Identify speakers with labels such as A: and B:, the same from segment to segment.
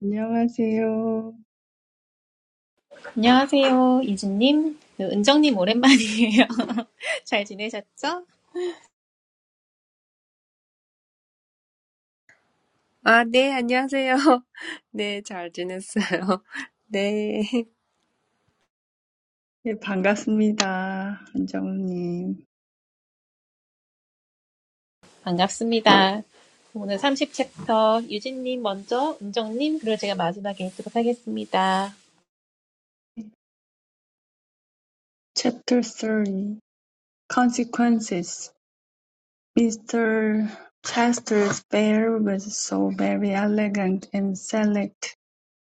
A: 안녕하세요.
B: 안녕하세요, 이진님. 그, 은정님 오랜만이에요. 잘 지내셨죠?
C: 아, 네, 안녕하세요. 네, 잘 지냈어요. 네,
A: 예, 반갑습니다. 원장님.
B: 반갑습니다. 오늘 30챕터 유진님 먼저, 은정님, 그리고 제가 마지막에 읽도록 하겠습니다.
A: Chapter Three: Consequences. Mr. Chester's bear was so very elegant and select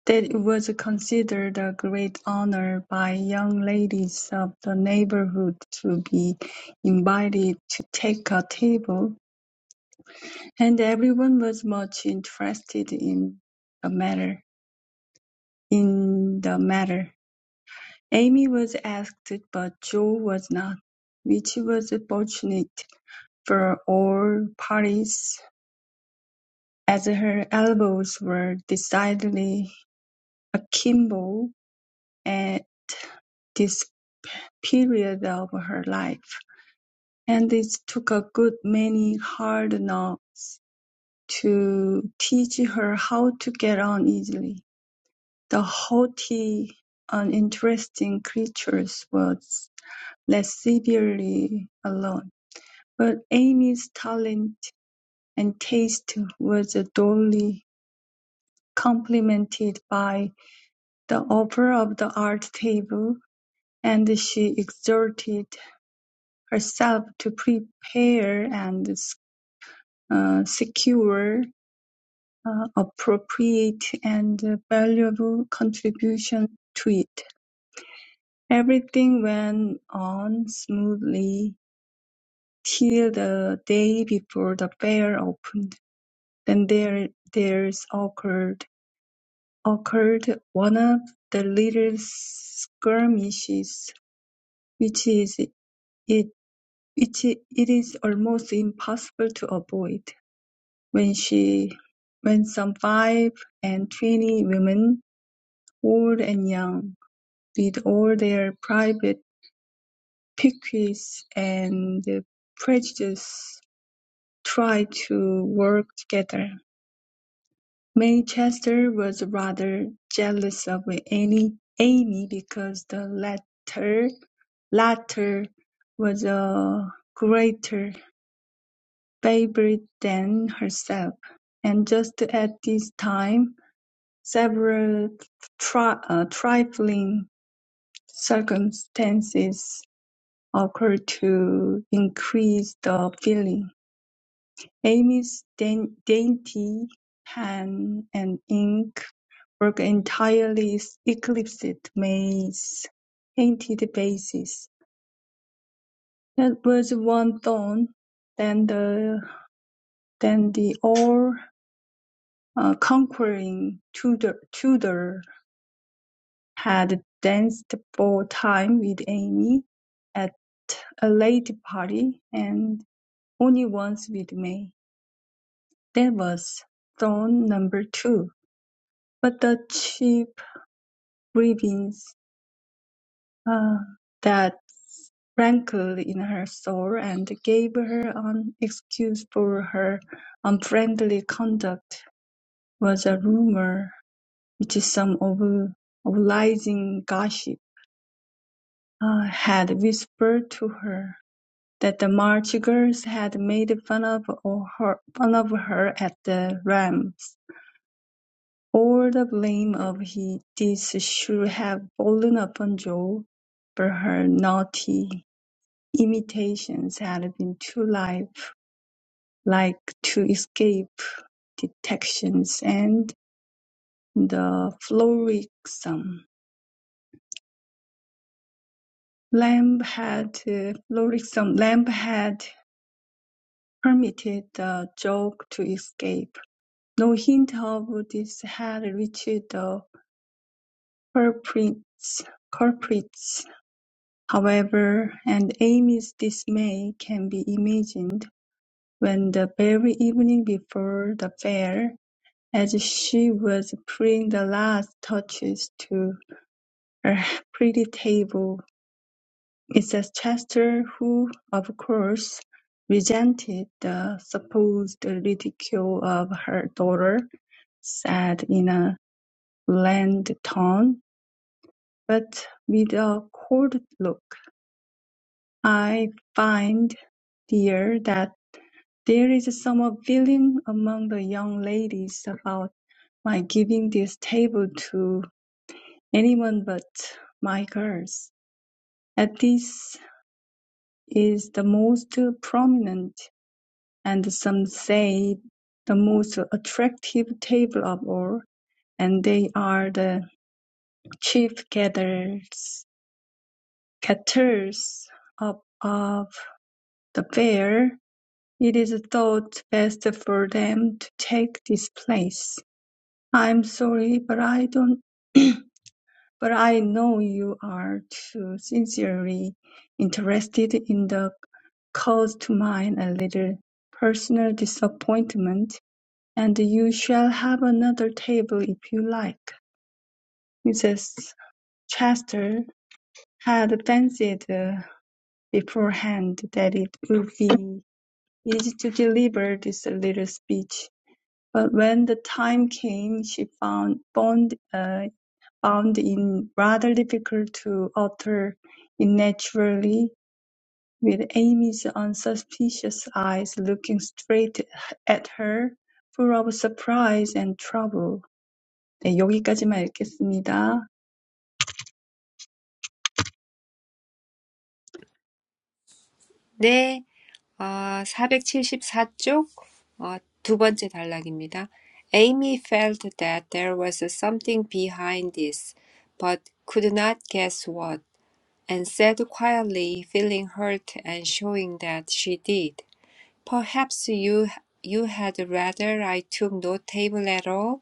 A: that it was considered a great honor by young ladies of the neighborhood to be invited to take a table, and everyone was much interested in the matter. In the matter. Amy was asked but Joe was not, which was fortunate for all parties as her elbows were decidedly akimbo at this period of her life, and it took a good many hard knocks to teach her how to get on easily. The haughty, uninteresting creature was less severely alone. But Amy's talent and taste was duly complemented by the offer of the art table, and she exerted herself to prepare and uh, secure uh, appropriate and valuable contributions to it. Everything went on smoothly till the day before the fair opened. Then there, there's occurred occurred one of the little skirmishes which is it which it is almost impossible to avoid, when she when some five and twenty women, old and young, with all their private piques and prejudices, tried to work together. Manchester was rather jealous of Annie, Amy because the latter Latter was a greater favourite than herself, and just at this time several tri- uh, trifling circumstances occurred to increase the feeling. Amy's dain- dainty pen and ink work entirely eclipsed May's painted faces. That was one done. Then the then the all-conquering uh, Tudor, Tudor had danced for time with Amy at a late party, and only once with May. That was done number two. But the cheap grievance uh, that rankled in her soul and gave her an excuse for her unfriendly conduct was a rumor which some of obliging gossip uh, had whispered to her that the March girls had made fun of or her, fun of her at the Rams. All the blame of he, this should have fallen upon Joe, but her naughty imitations had been too light, like to escape detections, and the frolicsome Lamb had uh, Lorison Lamb had permitted the joke to escape. No hint of this had reached the culprits, culprits, however, and Amy's dismay can be imagined when the very evening before the fair, as she was putting the last touches to her pretty table, Mrs. Chester, who, of course, resented the supposed ridicule of her daughter, said in a bland tone, but with a cold look, "I find, dear, that there is some feeling among the young ladies about my giving this table to anyone but my girls. At this is the most prominent And some say the most attractive table of all, and they are the chief gatherers, caterers of, of the fair. It is thought best for them to take this place. I'm sorry, but I don't, but I know you are too sincerely interested in the cause to mine a little personal disappointment "And you shall have another table if you like," Mrs. Chester had fancied uh, beforehand that it would be easy to deliver this little speech, but when the time came she found found, uh, found it rather difficult to utter it naturally, with Amy's unsuspicious eyes looking straight at her, full of surprise and trouble. 네, 여기까지만 읽겠습니다.
C: 네. 아, 사백칠십사 쪽 어, 두 번째 단락입니다. Amy felt that there was something behind this, but could not guess what, and said quietly, feeling hurt and showing that she did. Perhaps you you had rather I took no table at all?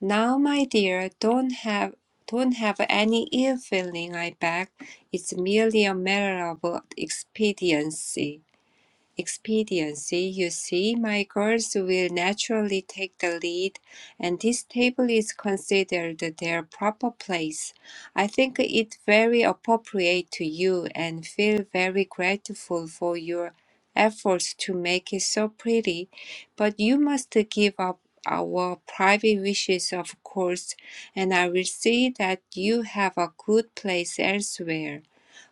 C: Now, my dear, don't have don't have any ill feeling, I beg. It's merely a matter of expediency expediency, you see, my girls will naturally take the lead, and this table is considered their proper place. I think it very appropriate to you and feel very grateful for your efforts to make it so pretty, but you must give up our private wishes, of course, and I will see that you have a good place elsewhere.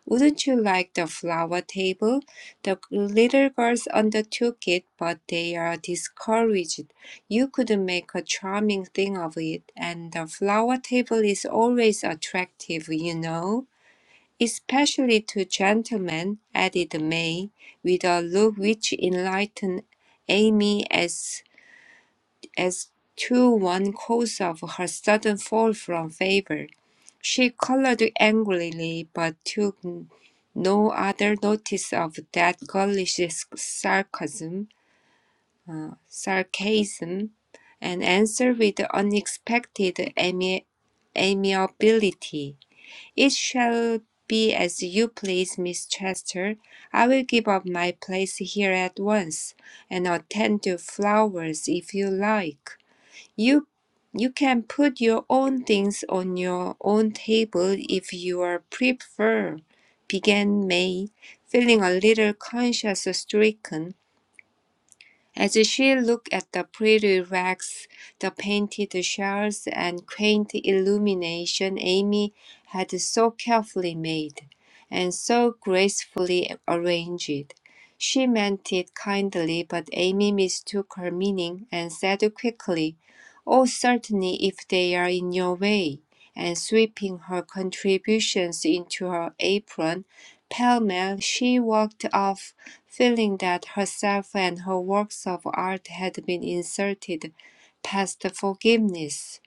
C: Wouldn't you like the flower table? The little girls undertook it, but they are discouraged. You could make a charming thing of it, and the flower table is always attractive, you know. Especially to gentlemen, added May, with a look which enlightened Amy as as to one cause of her sudden fall from favor. She colored angrily, but took no other notice of that girlish sarcasm, uh, sarcasm, and answered with unexpected ami- amiability. It shall be as you please, Miss Chester. I will give up my place here at once, and attend to flowers if you like. You you can put your own things on your own table if you are prefer, began May, feeling a little conscience stricken. As she looked at the pretty racks, the painted shells, and quaint illumination Amy had so carefully made, and so gracefully arranged, she meant it kindly, but Amy mistook her meaning and said quickly, Oh, certainly, if they are in your way. And sweeping her contributions into her apron, pell-mell, she walked off Feeling that herself and her works of art had been insulted past forgiveness.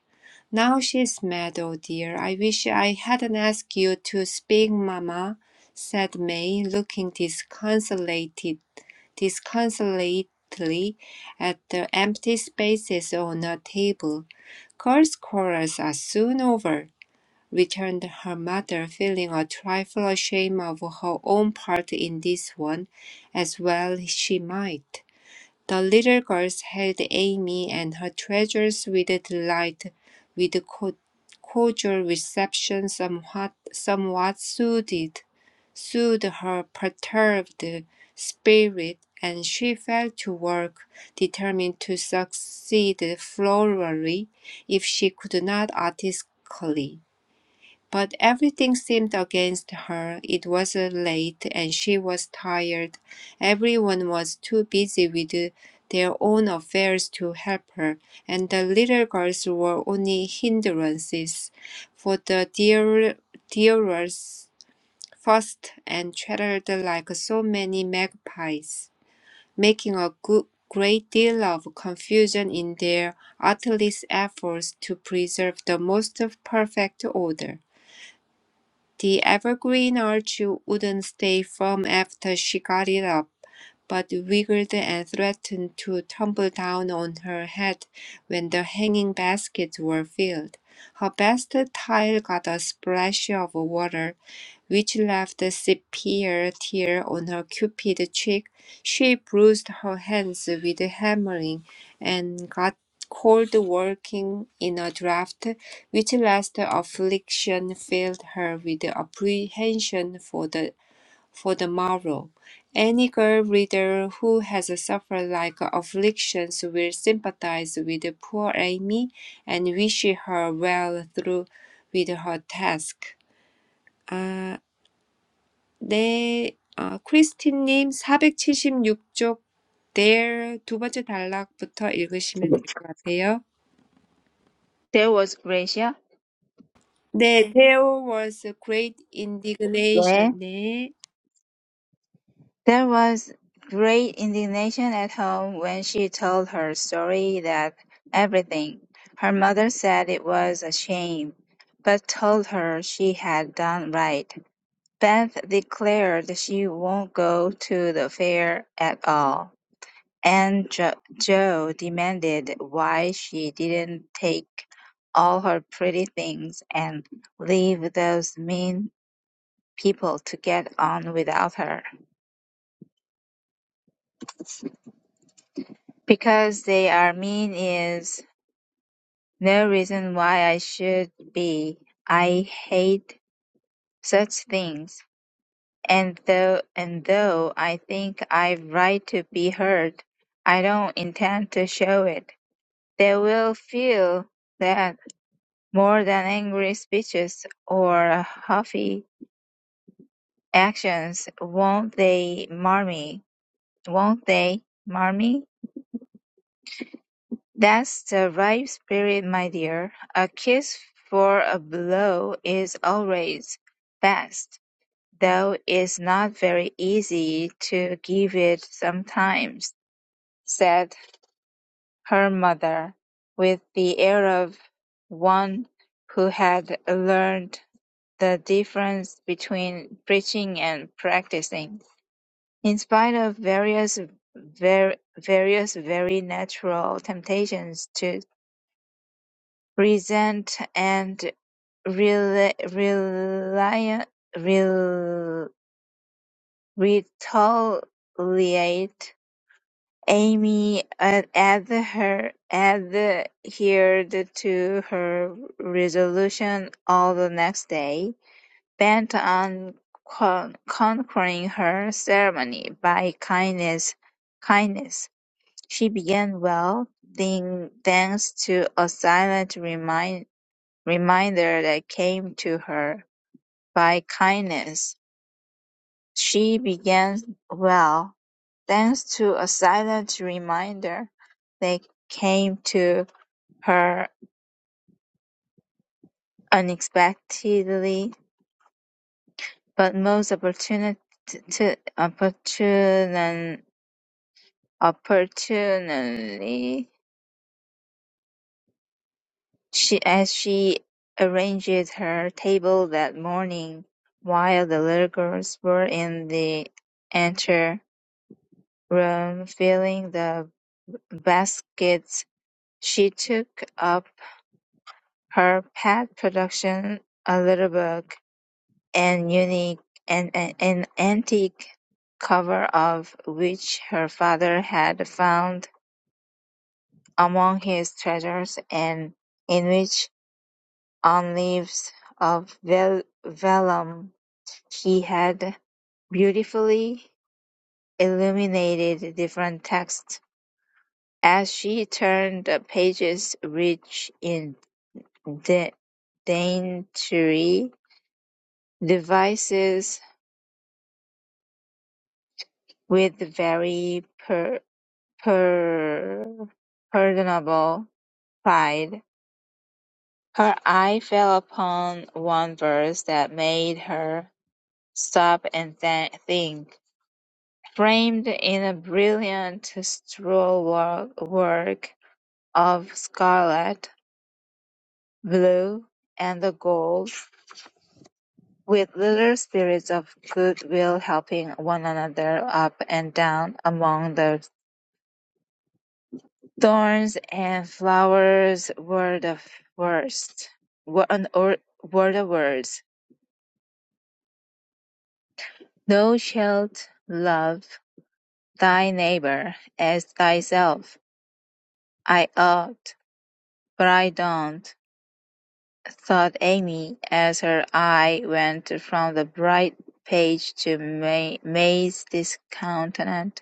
C: Now she's mad, oh dear. I wish I hadn't asked you to speak, mamma, said May, looking disconsolated, disconsolately at the empty spaces on her table. Girls' quarrels are soon over returned her mother, feeling a trifle ashamed of her own part in this one, as well she might. The little girls held Amy and her treasures with delight, with co- cordial reception somewhat, somewhat soothed, soothed her perturbed spirit, and she fell to work, determined to succeed florally if she could not artistically. But everything seemed against her. It was uh, late and she was tired. Everyone was too busy with their own affairs to help her, and the little girls were only hindrances. For the dear, dearers fussed and chattered like so many magpies, making a good, great deal of confusion in their artless efforts to preserve the most perfect order. The evergreen arch wouldn't stay firm after she got it up, but wiggled and threatened to tumble down on her head when the hanging baskets were filled. Her best tile got a splash of water which left a severe tear on her cupid cheek. She bruised her hands with hammering and got cold working in a draught, which last affliction filled her with apprehension for the for the morrow. Any girl reader who has suffered like afflictions will sympathize with poor Amy and wish her well through with her task. Ah. 네, 어, 크리스틴님 사백칠십육 쪽 There 두 번째 단락부터 읽으시면 될 것 같아요.
D: There was Gracia,
C: 네, there was a great
D: where
C: indignation. 네,
D: there was great indignation at home when she told her story that everything. Her mother said it was a shame, but told her she had done right. Beth declared she won't go to the fair at all, and jo- Joe demanded why she didn't take all her pretty things and leave those mean people to get on without her. Because they are mean is no reason why I should be. I hate such things. And though and though I think I've right to be heard, I don't intend to show it. They will feel that more than angry speeches or huffy actions, won't they, Marmy? Won't they, Marmy? That's the right spirit, my dear. A kiss for a blow is always best, though it's not very easy to give it sometimes, said her mother, with the air of one who had learned the difference between preaching and practicing. In spite of various ver- various very natural temptations to. Present and rel- rel- rel- retaliate, Amy ad- adher- adhered to her resolution all the next day, bent on con- conquering her ceremony by kindness. kindness. She began well, then, thanks to a silent reminder reminder that came to her by kindness. She began well, thanks to a silent reminder that came to her unexpectedly, but most opportuni- t- t- opportun- opportunely, she, as she arranged her table that morning, while the little girls were in the Room filling the baskets, she took up her pet production, a little book, an unique and an an antique cover of which her father had found among his treasures and in which on leaves of vel- vellum he had beautifully illuminated different texts. As she turned the pages rich in da- dainty devices with very per- per- pardonable pride, her eye fell upon one verse that made her stop and th- think. Framed in a brilliant scroll work of scarlet, blue, and gold, with little spirits of goodwill helping one another up and down among the thorns and flowers were the worst were an or- were the words thou shalt love thy neighbor as thyself i ought but i don't thought amy as her eye went from the bright page to ma- may's discountenance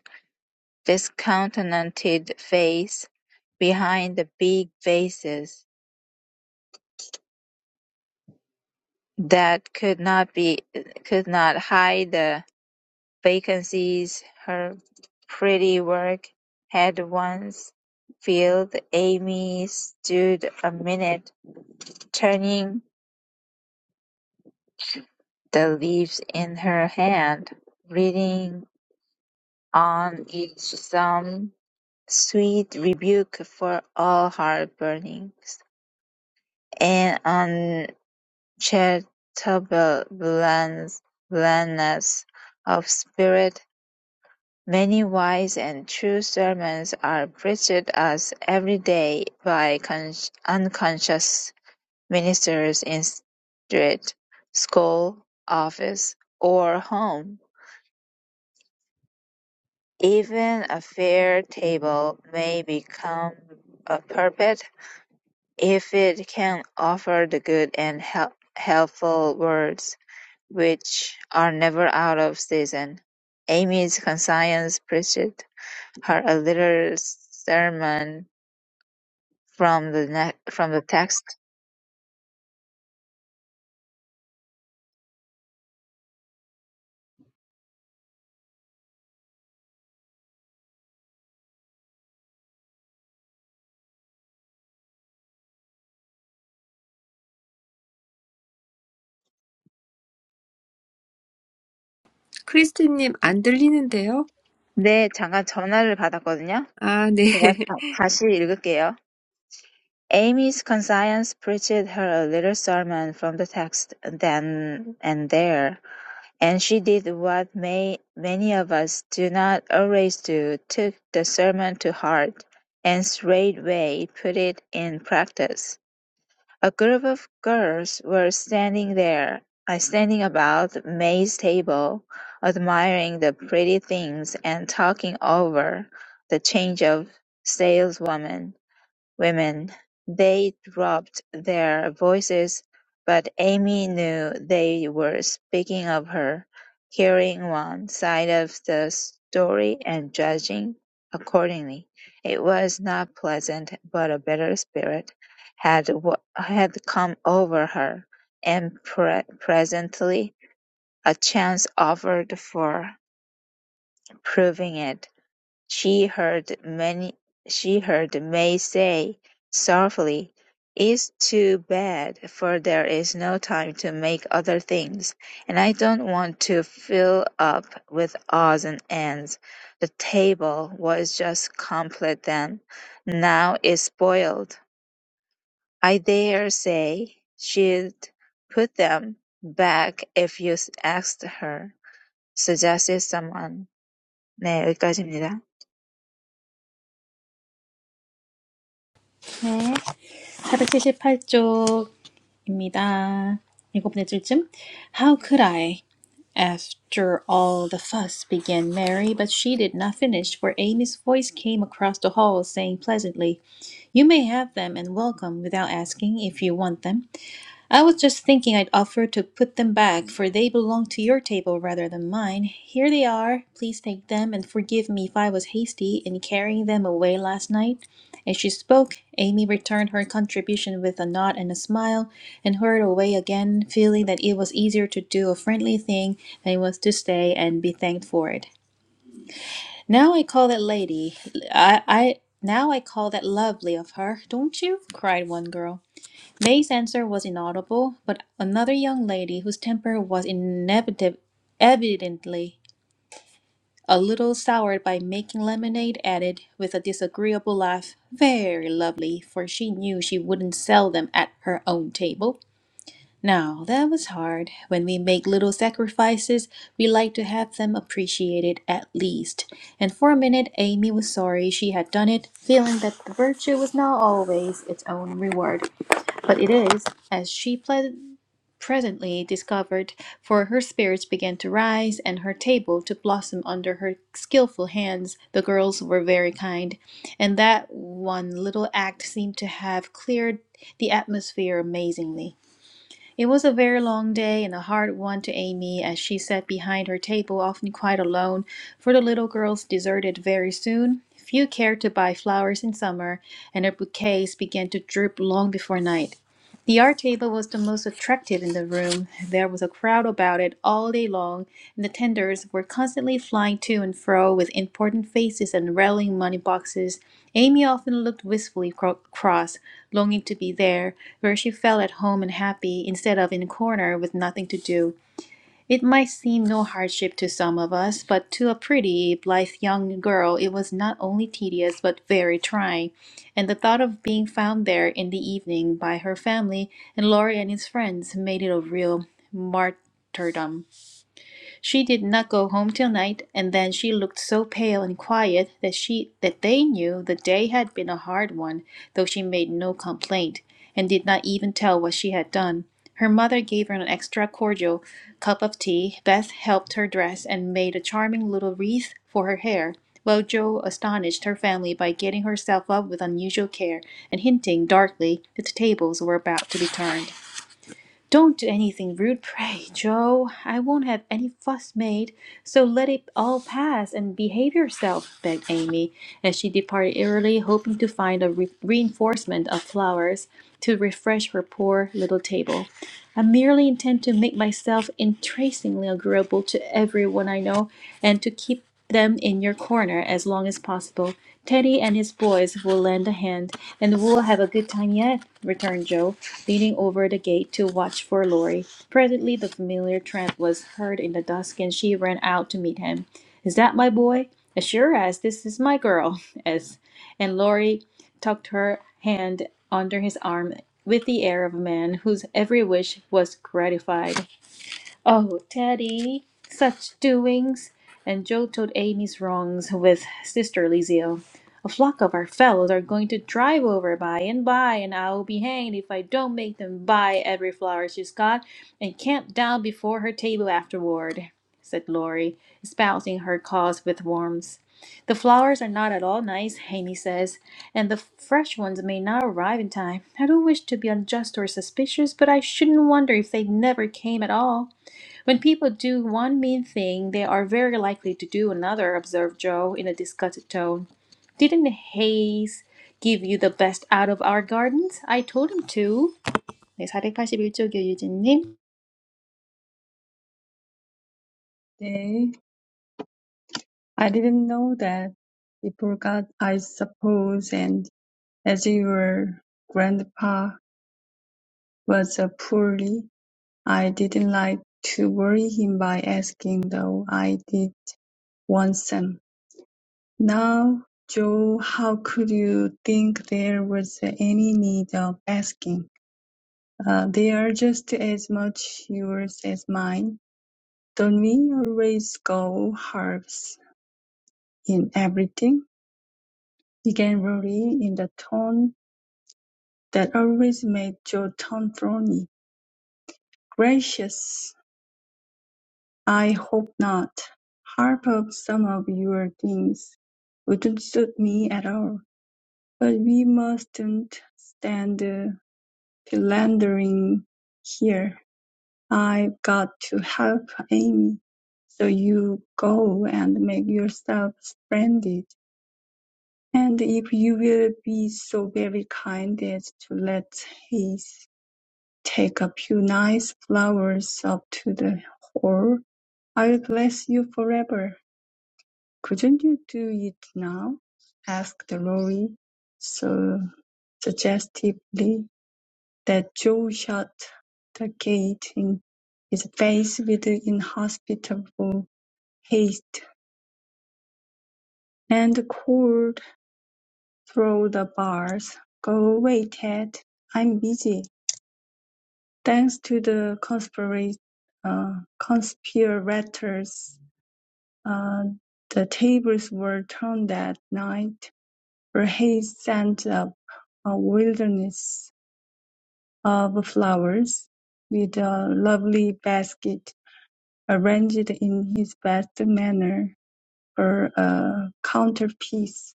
D: Discounted face behind the big vases that could not be could not hide the vacancies her pretty work had once filled, Amy stood a minute, turning the leaves in her hand, reading on each some sweet rebuke for all her burnings, and on. Cheerfulness of spirit, many wise and true sermons are preached us every day by con- unconscious ministers in street, school, office, or home. Even a fair table may become a pulpit if it can offer the good and hel- helpful words. which are never out of season. Amy's conscience preached her a little sermon from the ne- from the text.
C: 크리스틴님 안 들리는데요?
D: 네, 잠깐 전화를 받았거든요.
C: 아, 네.
D: 제가 다- 다시 읽을게요. Amy's conscience preached her a little sermon from the text then and there, and she did what may, many of us do not always do, took the sermon to heart, and straightway put it in practice. A group of girls were standing there, uh, standing about May's table, admiring the pretty things and talking over the change of saleswoman women. They dropped their voices, but Amy knew they were speaking of her, hearing one side of the story and judging accordingly. It was not pleasant, but a better spirit had wa- had come over her, and pre- presently a chance offered for proving it. She heard many she heard May say sorrowfully, "It's too bad, for there is no time to make other things, and I don't want to fill up with odds and ends. The table was just complete then; now it's spoiled. I dare say she'd put them back if you asked her," suggested someone. 네, 여기까지입니다.
B: 네, 478쪽입니다. 일곱 네 줄쯤. How could I? After all the fuss began Mary, but she did not finish, for Amy's voice came across the hall saying pleasantly, You may have them and welcome without asking if you want them. I was just thinking I'd offer to put them back, for they belong to your table rather than mine. Here they are. Please take them and forgive me if I was hasty in carrying them away last night. As she spoke, Amy returned her contribution with a nod and a smile and hurried away again, feeling that it was easier to do a friendly thing than it was to stay and be thanked for it. Now I call that lady. I, I now I call that lovely of her, don't you? cried one girl. May's answer was inaudible, but another young lady whose temper was inevitable, evidently a little soured by making lemonade, added with a disagreeable laugh, "Very lovely," for she knew she wouldn't sell them at her own table. Now that was hard. When we make little sacrifices, we like to have them appreciated at least. And for a minute, Amy was sorry she had done it, feeling that the virtue was not always its own reward. But it is, as she ple- presently discovered, for her spirits began to rise and her table to blossom under her skillful hands. The girls were very kind, and that one little act seemed to have cleared the atmosphere amazingly. It was a very long day and a hard one to Amy as she sat behind her table, often quite alone, for the little girls deserted very soon. Few cared to buy flowers in summer, and her bouquets began to droop long before night. The art table was the most attractive in the room. There was a crowd about it all day long, and the tenders were constantly flying to and fro with important faces and rattling money boxes. Amy often looked wistfully cro- cross, longing to be there, where she felt at home and happy, instead of in a corner with nothing to do. It might seem no hardship to some of us, but to a pretty, blithe young girl it was not only tedious but very trying, and the thought of being found there in the evening by her family and Laurie and his friends made it a real martyrdom. She did not go home till night, and then she looked so pale and quiet that she that they knew the day had been a hard one, though she made no complaint, and did not even tell what she had done. Her mother gave her an extra cordial cup of tea, Beth helped her dress, and made a charming little wreath for her hair, while Jo astonished her family by getting herself up with unusual care, and hinting darkly that the tables were about to be turned. Don't do anything rude, pray, Joe. I won't have any fuss made, so let it all pass and behave yourself, begged Amy, as she departed early, hoping to find a re- reinforcement of flowers to refresh her poor little table. I merely intend to make myself entrancingly agreeable to everyone I know and to keep them in your corner as long as possible. Teddy and his boys will lend a hand, and we'll have a good time yet, returned Joe, leaning over the gate to watch for Laurie. Presently, the familiar tramp was heard in the dusk, and she ran out to meet him. Is that my boy? As sure as this is my girl, as and Laurie tucked her hand under his arm with the air of a man whose every wish was gratified. Oh, Teddy, such doings! And Joe told Amy's wrongs with sisterly zeal. A flock of our fellows are going to drive over by and by, and I'll be hanged if I don't make them buy every flower she's got and camp down before her table afterward, said Laurie, espousing her cause with warmth. The flowers are not at all nice, Amy says, and the fresh ones may not arrive in time. I don't wish to be unjust or suspicious, but I shouldn't wonder if they never came at all. When people do one mean thing, they are very likely to do another, observed Joe in a disgusted tone. Didn't Hayes give you the best out of our gardens? I told him to. 네, 481쪽이요, 유진님.
A: 네. I didn't know that before God, I suppose, and as your grandpa was a poorly, I didn't like to worry him by asking, though I did want some. Now, Joe, how could you think there was any need of asking? Uh, they are just as much yours as mine. Don't we always go halves in everything? Generally in the tone that always made Joe turn brawny. "Gracious, I hope not. Half of some of your things wouldn't suit me at all. But we mustn't stand uh, philandering here. I've got to help Amy. So you go and make yourself splendid. And if you will be so very kind as to let Hayes Take a few nice flowers up to the hall. I'll bless you forever. Couldn't you do it now? asked Lorry so suggestively that Joe shut the gate in his face with inhospitable haste and called through the bars. Go away, Ted. I'm busy. Thanks to the conspira- uh, conspirators Uh, the tables were turned that night, for Hayes sent up a wilderness of flowers, with a lovely basket arranged in his best manner for a counterpiece.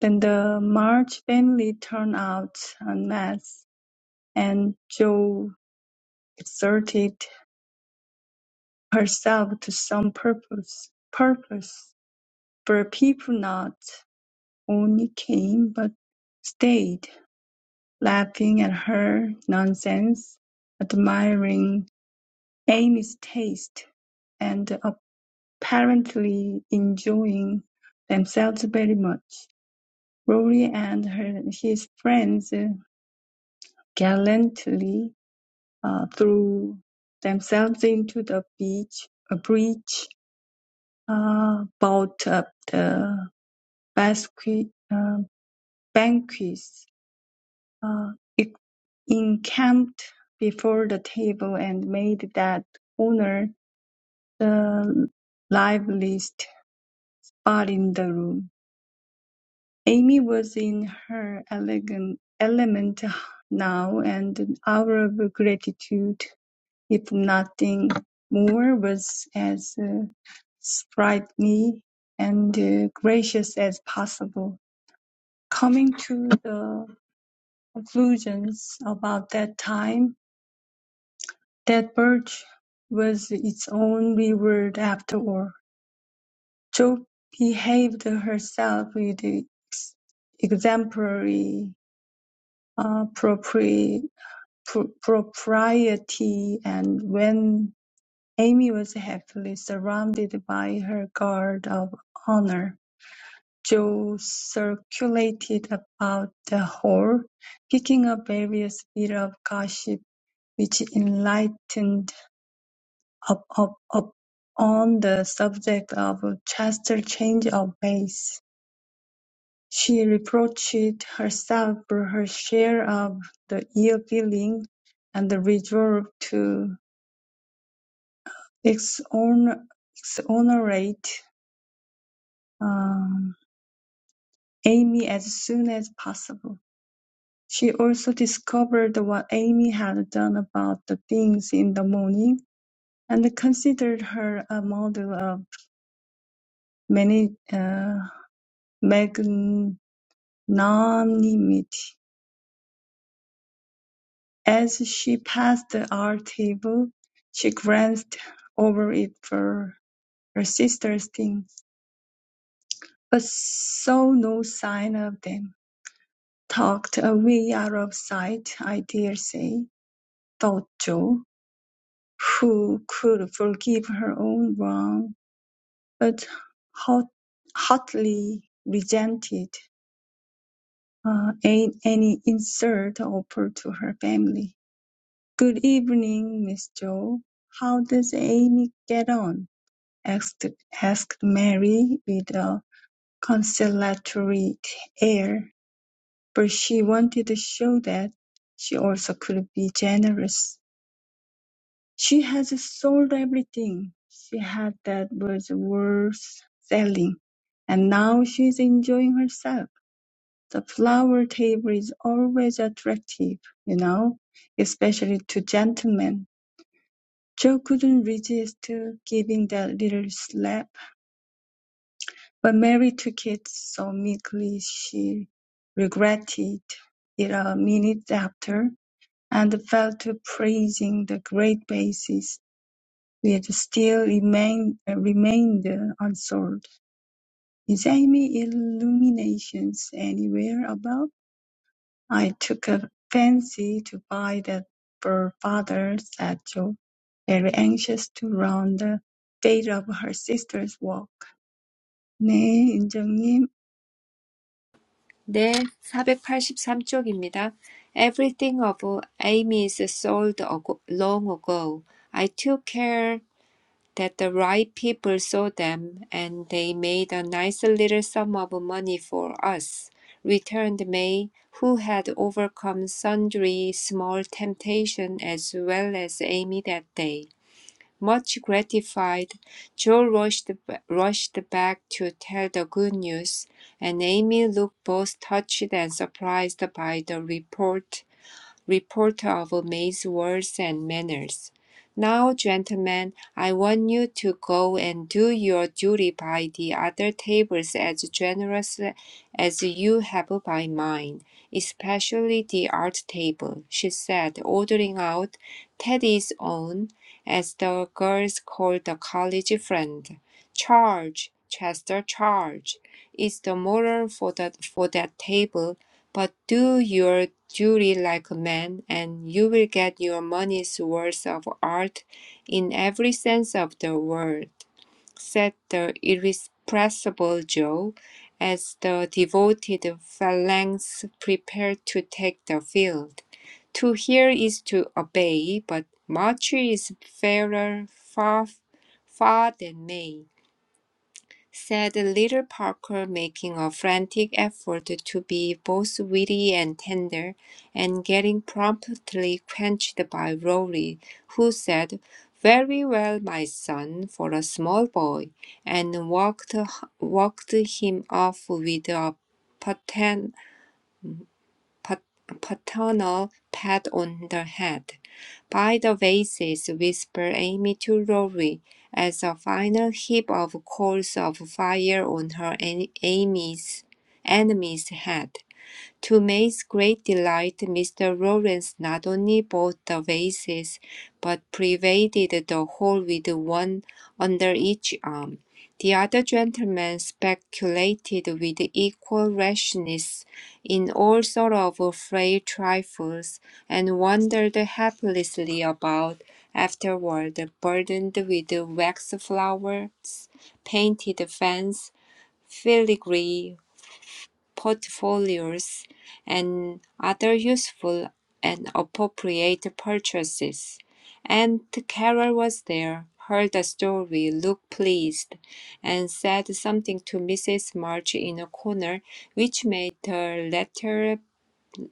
A: Then the March family turned out en masse, and Jo exerted herself to some purpose, purpose for people not. only came, but stayed, laughing at her nonsense, admiring Amy's taste, and apparently enjoying themselves very much. Rory and her, his friends gallantly uh, threw themselves into the beach, a breach, uh, bought up the basque, uh, banquets uh, it encamped before the table and made that owner the liveliest body in the room. Amy was in her elegant element now, and an hour of gratitude, if nothing more, was as uh, sprightly and uh, gracious as possible. Coming to the conclusions about that time, That barge was its own reward after all. Jo behaved herself with ex- exemplary uh, propri- pro- propriety, and when Amy was happily surrounded by her guard of honor, Jo circulated about the hall, picking up various bits of gossip which enlightened up, up, up on the subject of Chester's change of pace. She reproached herself for her share of the ill feeling and resolved to exon- exonerate um, Amy as soon as possible. She also discovered what Amy had done about the things in the morning and considered her a model of many, uh, non-limit. As she passed our table, she glanced over it for her sister's things, but saw no sign of them. Tucked away out of sight, I dare say, thought Jo, who could forgive her own wrong, but hot, hotly resented uh, any insult offered to her family. "Good evening, Miss Joe. How does Amy get on?" asked asked Mary, with a conciliatory air, for she wanted to show that she also could be generous. "She has sold everything she had that was worth selling, and now she's enjoying herself. The flower table is always attractive, you know, especially to gentlemen. Joe couldn't resist giving that little slap, but Mary took it so meekly she regretted it a minute after, and fell to praising the great basis which still remained, remained unsold. Is Amy Illuminations anywhere about? "I took a fancy to buy that for father," said Jo, very anxious to learn the fate of her sister's work. "네, 인정님.
C: 네, 사백팔십삼 쪽입니다. Everything of Amy's sold ago- long ago. I took care that the right people saw them and they made a nice little sum of money for us, returned May, who had overcome sundry small temptations as well as Amy that day. Much gratified, Joe rushed, rushed back to tell the good news, and Amy looked both touched and surprised by the report reporter of May's words and manners. Now, gentlemen, I want you to go and do your duty by the other tables as generously as you have by mine, especially the art table, she said, ordering out Teddy's own, as the girls called the college friend. Charge, Chester, charge, is the moral for that, for that table, but do your duty like a man, and you will get your money's worth of art in every sense of the word, said the irrepressible Joe, as the devoted phalanx prepared to take the field. To hear is to obey, but much is fairer far, far than may said little Parker, making a frantic effort to be both witty and tender, and getting promptly quenched by Rory, who said, Very well, my son, for a small boy, and walked, walked him off with a paternal pat on the head. By the vases, whispered Amy to Rory, as a final heap of coals of fire on her en- Amy's enemy's head. To May's great delight, Mr. Lawrence not only bought the vases, but pervaded the hall with one under each arm. The other gentlemen speculated with equal rashness in all sort of frail trifles, and wandered helplessly about afterward, burdened with wax flowers, painted fans, filigree, portfolios and other useful and appropriate purchases. and Carol was there, heard the story, looked pleased, and said something to Mrs. March in a corner, which made her latter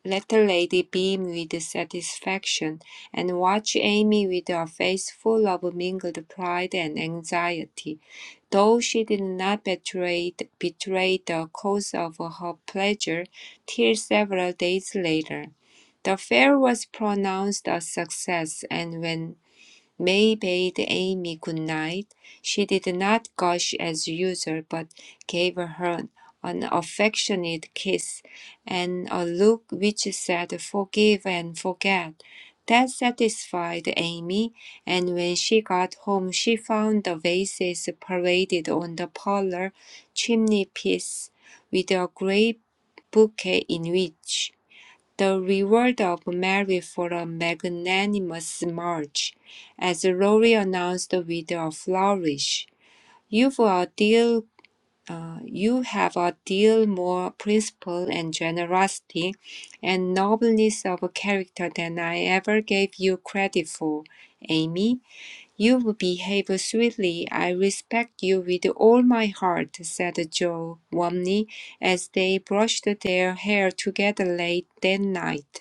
C: let the lady beam with satisfaction, and watch Amy with a face full of mingled pride and anxiety. Though she did not betray, betray the cause of her pleasure till several days later, the fair was pronounced a success, and when May bade Amy good night. She did not gush as usual, but gave her an affectionate kiss and a look which said forgive and forget. That satisfied Amy, and when she got home, she found the vases paraded on the parlor chimney piece with a great bouquet in which the reward of Mary for a magnanimous march, as Rory announced with a flourish. You've a deal, uh, you have a deal more principle and generosity and nobleness of character than I ever gave you credit for, Amy. You behave sweetly. I respect you with all my heart, said Joe warmly as they brushed their hair together late that night.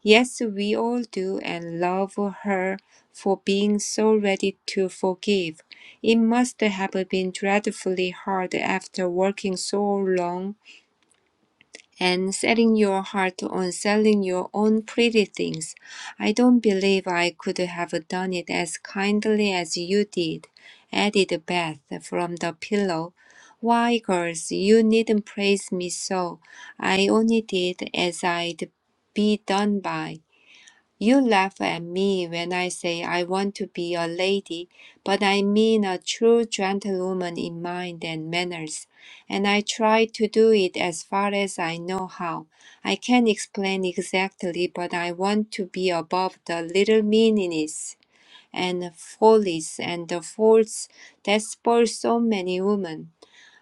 C: Yes, we all do and love her for being so ready to forgive. It must have been dreadfully hard after working so long and setting your heart on selling your own pretty things. I don't believe I could have done it as kindly as you did, added Beth from the pillow. Why, girls, you needn't praise me so. I only did as I'd be done by. You laugh at me when I say I want to be a lady, but I mean a true gentlewoman in mind and manners, and I try to do it as far as I know how. I can't explain exactly, but I want to be above the little meannesses and follies and the faults that spoil so many women.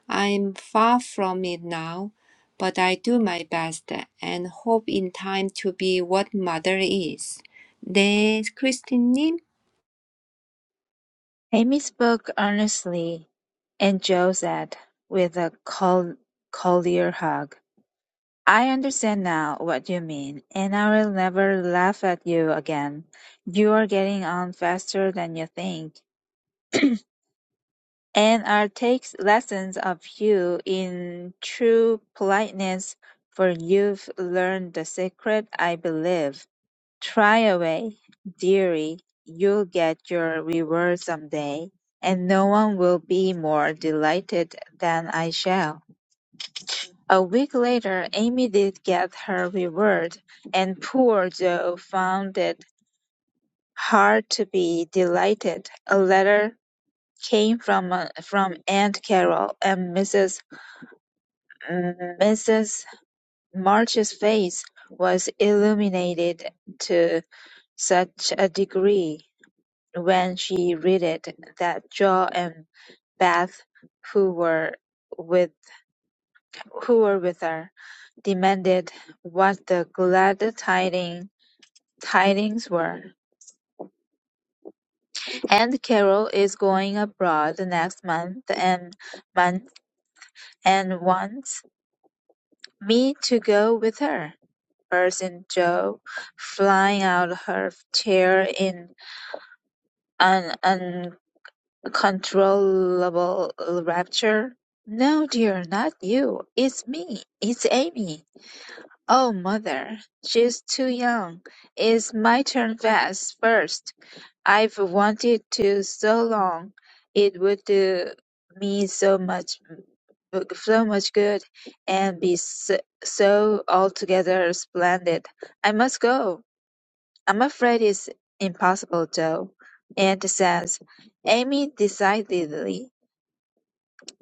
C: I am far from it now, but I do my best and hope in time to be what mother is. 네, 크리스틴님.
D: Amy spoke earnestly, and Joe said, with a cordial hug, "I understand now what you mean, and I'll never laugh at you again. You're getting on faster than you think, and I'll take lessons of you in true politeness, for you've learned the secret, I believe." Try away, dearie, you'll get your reward someday, and no one will be more delighted than I shall. A week later, Amy did get her reward, and poor Joe found it hard to be delighted. A letter came from uh, from Aunt Carol, and Mrs. Mrs. March's face was illuminated to such a degree when she read it that Joe and Beth, who were with who were with her, demanded what the glad tiding, tidings were. And Carol is going abroad next month and month and wants me to go with her. burst in Joe, flying out of her chair in an Controllable rapture? No, dear, not you. It's me. It's Amy. Oh, mother, she's too young. It's my turn fast first. I've wanted to so long. It would do me so much, so much good, and be so, so altogether splendid. I must go. I'm afraid it's impossible, though. Aunt says, Amy decidedly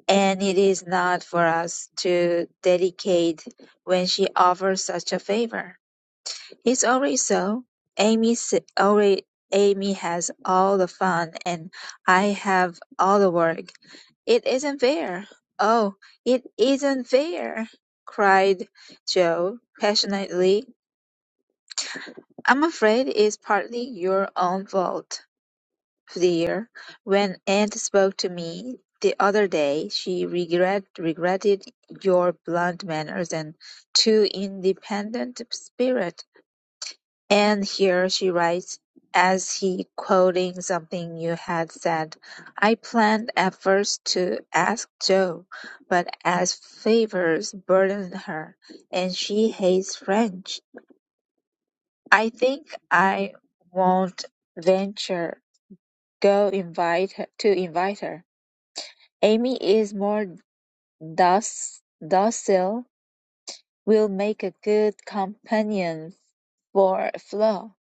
D: and it is not for us to dedicate when she offers such a favor. It's already so. Amy s- already Amy has all the fun and I have all the work. It isn't fair. Oh, it isn't fair, cried Joe passionately. I'm afraid it's partly your own fault. Dear, When aunt spoke to me the other day, she regret, regretted your blunt manners and too independent spirit. And here she writes, as he quoting something you had said, I planned at first to ask Jo, but as favors burden her, and she hates French, I think I won't venture go invite her, to invite her. Amy is more doc- docile, will make a good companion for Flo,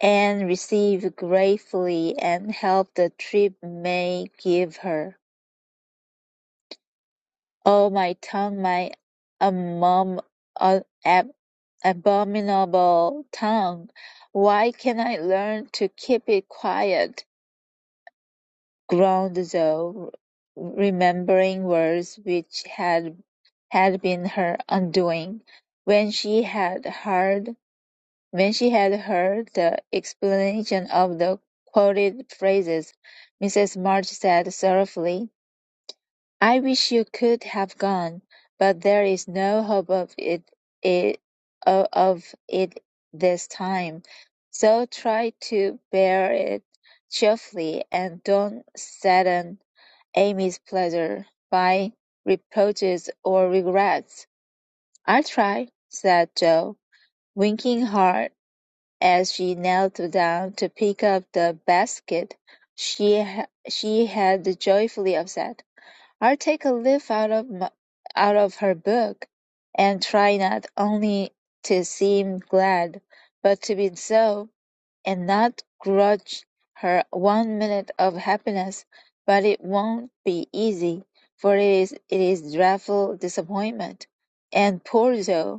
D: and receive gratefully and help the trip may give her. Oh, my tongue, my amom- a- ab- abominable tongue! Why can't I learn to keep it quiet? groaned Zoe, remembering words which had had been her undoing, when she had heard when she had heard the explanation of the quoted phrases. Mrs. March said sorrowfully, "I wish you could have gone, but there is no hope of it, it of it this time. So try to bear it cheerfully, and don't sadden Amy's pleasure by reproaches or regrets." "I'll try," said Jo, winking hard as she knelt down to pick up the basket she ha- she had joyfully upset. "I'll take a leaf out of my, out of her book, and try not only to seem glad, but to be so, and not grudge her one minute of happiness; but it won't be easy, for it is it is dreadful disappointment. And poor Jo!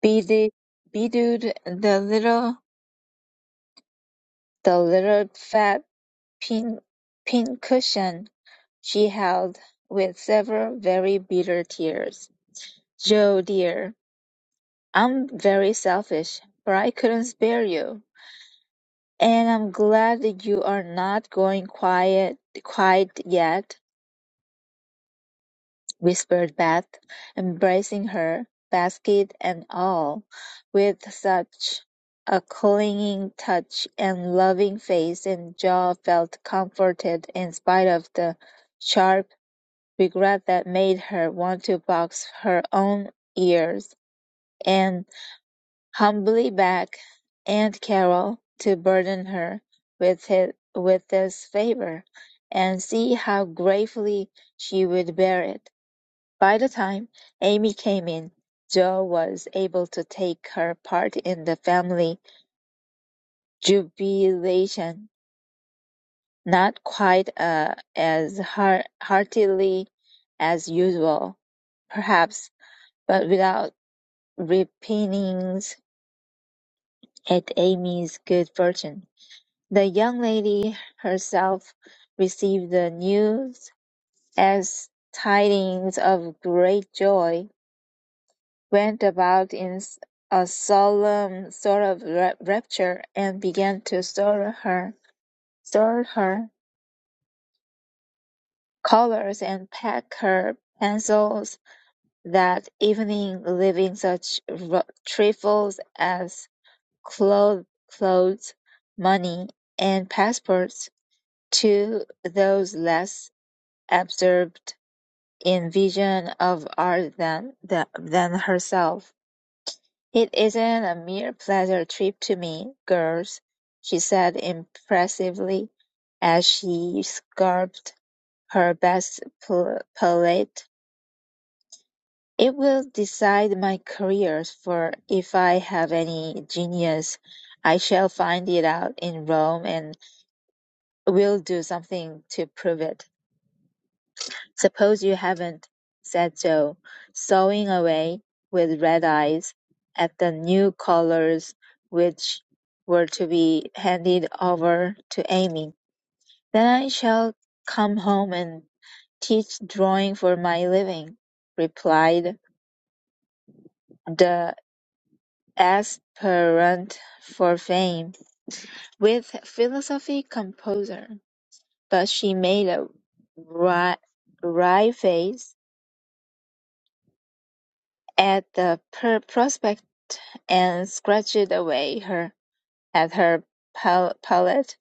D: Bedewed, the little, the little fat pin, pincushion she held, with several very bitter tears. "Joe, dear, I'm very selfish, but I couldn't spare you, and I'm glad that you are not going quiet, quite yet. whispered Beth, embracing her, basket and all, with such a clinging touch and loving face and Joe felt comforted in spite of the sharp regret that made her want to box her own ears and humbly beg Aunt Carol to burden her with his, with this favor and see how gratefully she would bear it. By the time Amy came in, Jo was able to take her part in the family jubilation, not quite uh, as hear- heartily as usual, perhaps, but without repinings at Amy's good fortune. The young lady herself received the news as tidings of great joy went about in a solemn sort of rapture, and began to sort her, sort her colors and pack her pencils that evening, leaving such r- trifles as clothes, clothes, money, and passports to those less absorbed in vision of art than, than than herself. "It isn't a mere pleasure trip to me, girls," she said impressively as she scarfed her best pellet. "It will decide my career, for if I have any genius I shall find it out in Rome and will do something to prove it. Suppose you haven't, said Joe, sawing away with red eyes at the new collars which were to be handed over to Amy. Then I shall come home and teach drawing for my living, replied the aspirant for fame with philosophy composer. But she made a wry, wry face at the per- prospect and scratched away her at her pal- palate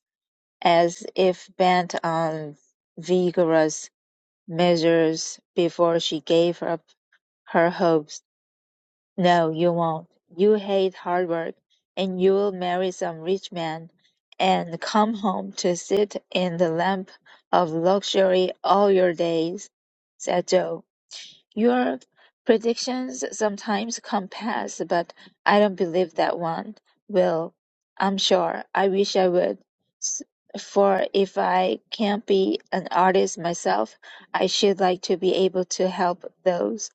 D: as if bent on vigorous measures before she gave up her hopes. No, you won't. You hate hard work, and you'll marry some rich man and come home to sit in the lamp of luxury all your days, said Joe. Your predictions sometimes come past, but I don't believe that one will. I'm sure. I wish I would. S- For if I can't be an artist myself, I should like to be able to help those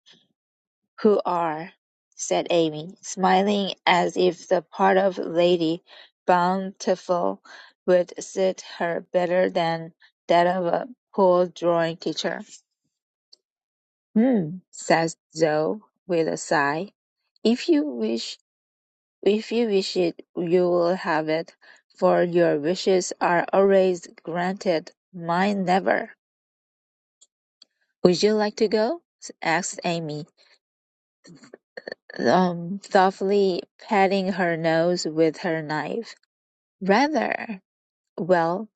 D: who are, said Amy, smiling as if the part of Lady Bountiful would suit her better than that of a poor drawing teacher. Hmm, says Zoe with a sigh. If you wish, if you wish it, you will have it, for your wishes are always granted, mine never. Would you like to go? asked Amy, um, thoughtfully patting her nose with her knife. Rather. Well,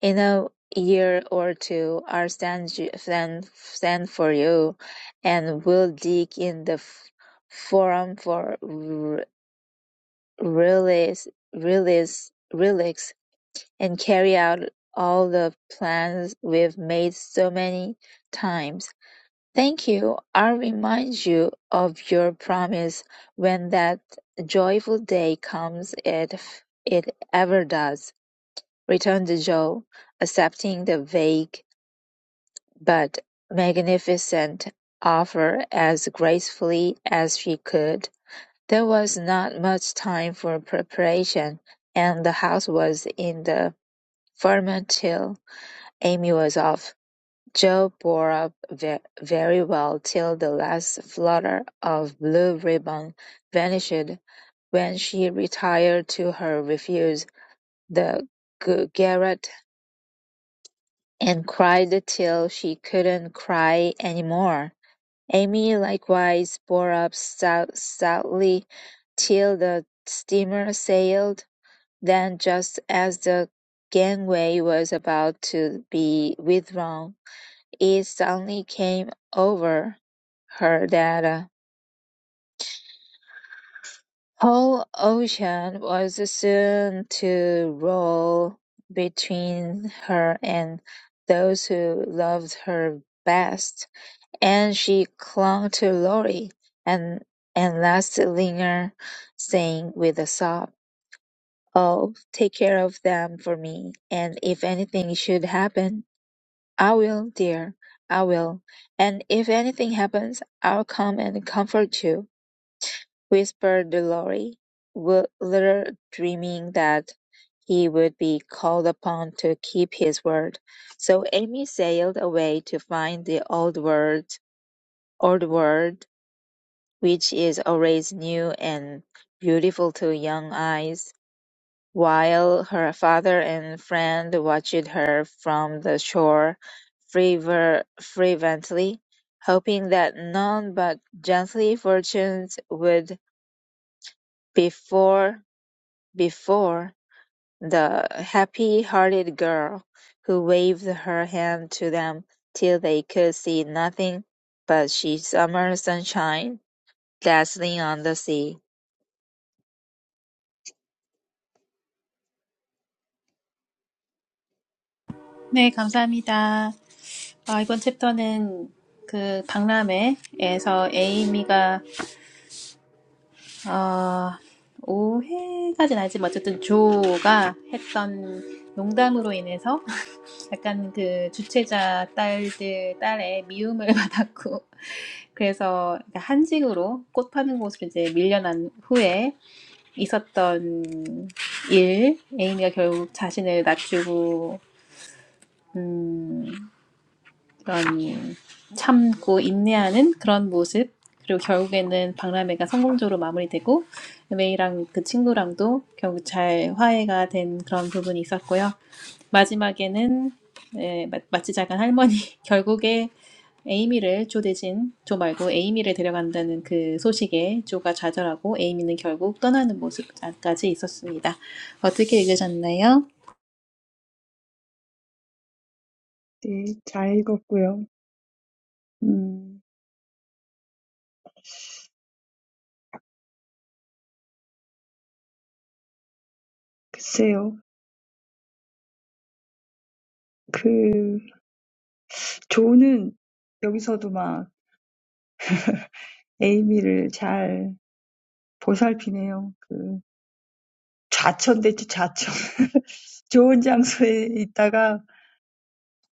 D: in a year or two, I'll stand, you- stand, stand for you, and we'll dig in the f- forum for release, release, relax, and carry out all the plans we've made so many times. Thank you. I remind you of your promise when that joyful day comes, if it ever does. Returned Joe, accepting the vague but magnificent offer as gracefully as she could. There was not much time for preparation, and the house was in the ferment till Amy was off. Joe bore up ve- very well till the last flutter of blue ribbon vanished, when she retired to her refuge, the g- garret, and cried till she couldn't cry any more. Amy likewise bore up stout- stoutly till the steamer sailed Then, just as the gangway was about to be withdrawn, it suddenly came over her that the whole ocean was soon to roll between her and those who loved her best, and she clung to Laurie, and and last linger, saying with a sob. Oh, take care of them for me, and if anything should happen, I will, dear, I will, and if anything happens, I'll come and comfort you, whispered Lorry, wi- little dreaming that he would be called upon to keep his word. So Amy sailed away to find the old world, old world, which is always new and beautiful to young eyes While her father and friend watched her from the shore fervor- fervently, hoping that none but gently fortunes would before before the happy-hearted girl, who waved her hand to them till they could see nothing but she summer sunshine dazzling on the sea.
B: 네, 감사합니다. 아, 이번 챕터는 그 박람회에서 에이미가 어 오해까지는 아니지만 어쨌든 조가 했던 농담으로 인해서 약간 그 주최자 딸들, 딸의 미움을 받았고, 그래서 그러니까 한직으로 꽃 파는 곳으로 이제 밀려난 후에 있었던 일, 에이미가 결국 자신을 낮추고, 음, 그런 참고 인내하는 그런 모습 그리고 결국에는 박람회가 성공적으로 마무리되고 메이랑 그 친구랑도 결국 잘 화해가 된 그런 부분이 있었고요. 마지막에는 예, 마- 치 작은 할머니 결국에 에이미를 조 대신 조 말고 에이미를 데려간다는 그 소식에 조가 좌절하고 에이미는 결국 떠나는 모습까지 있었습니다. 어떻게 읽으셨나요?
A: 네, 잘 읽었고요. 음, 글쎄요. 그 조는 여기서도 막 에이미를 잘 보살피네요. 그 좌천됐지, 좌천. 좋은 장소에 있다가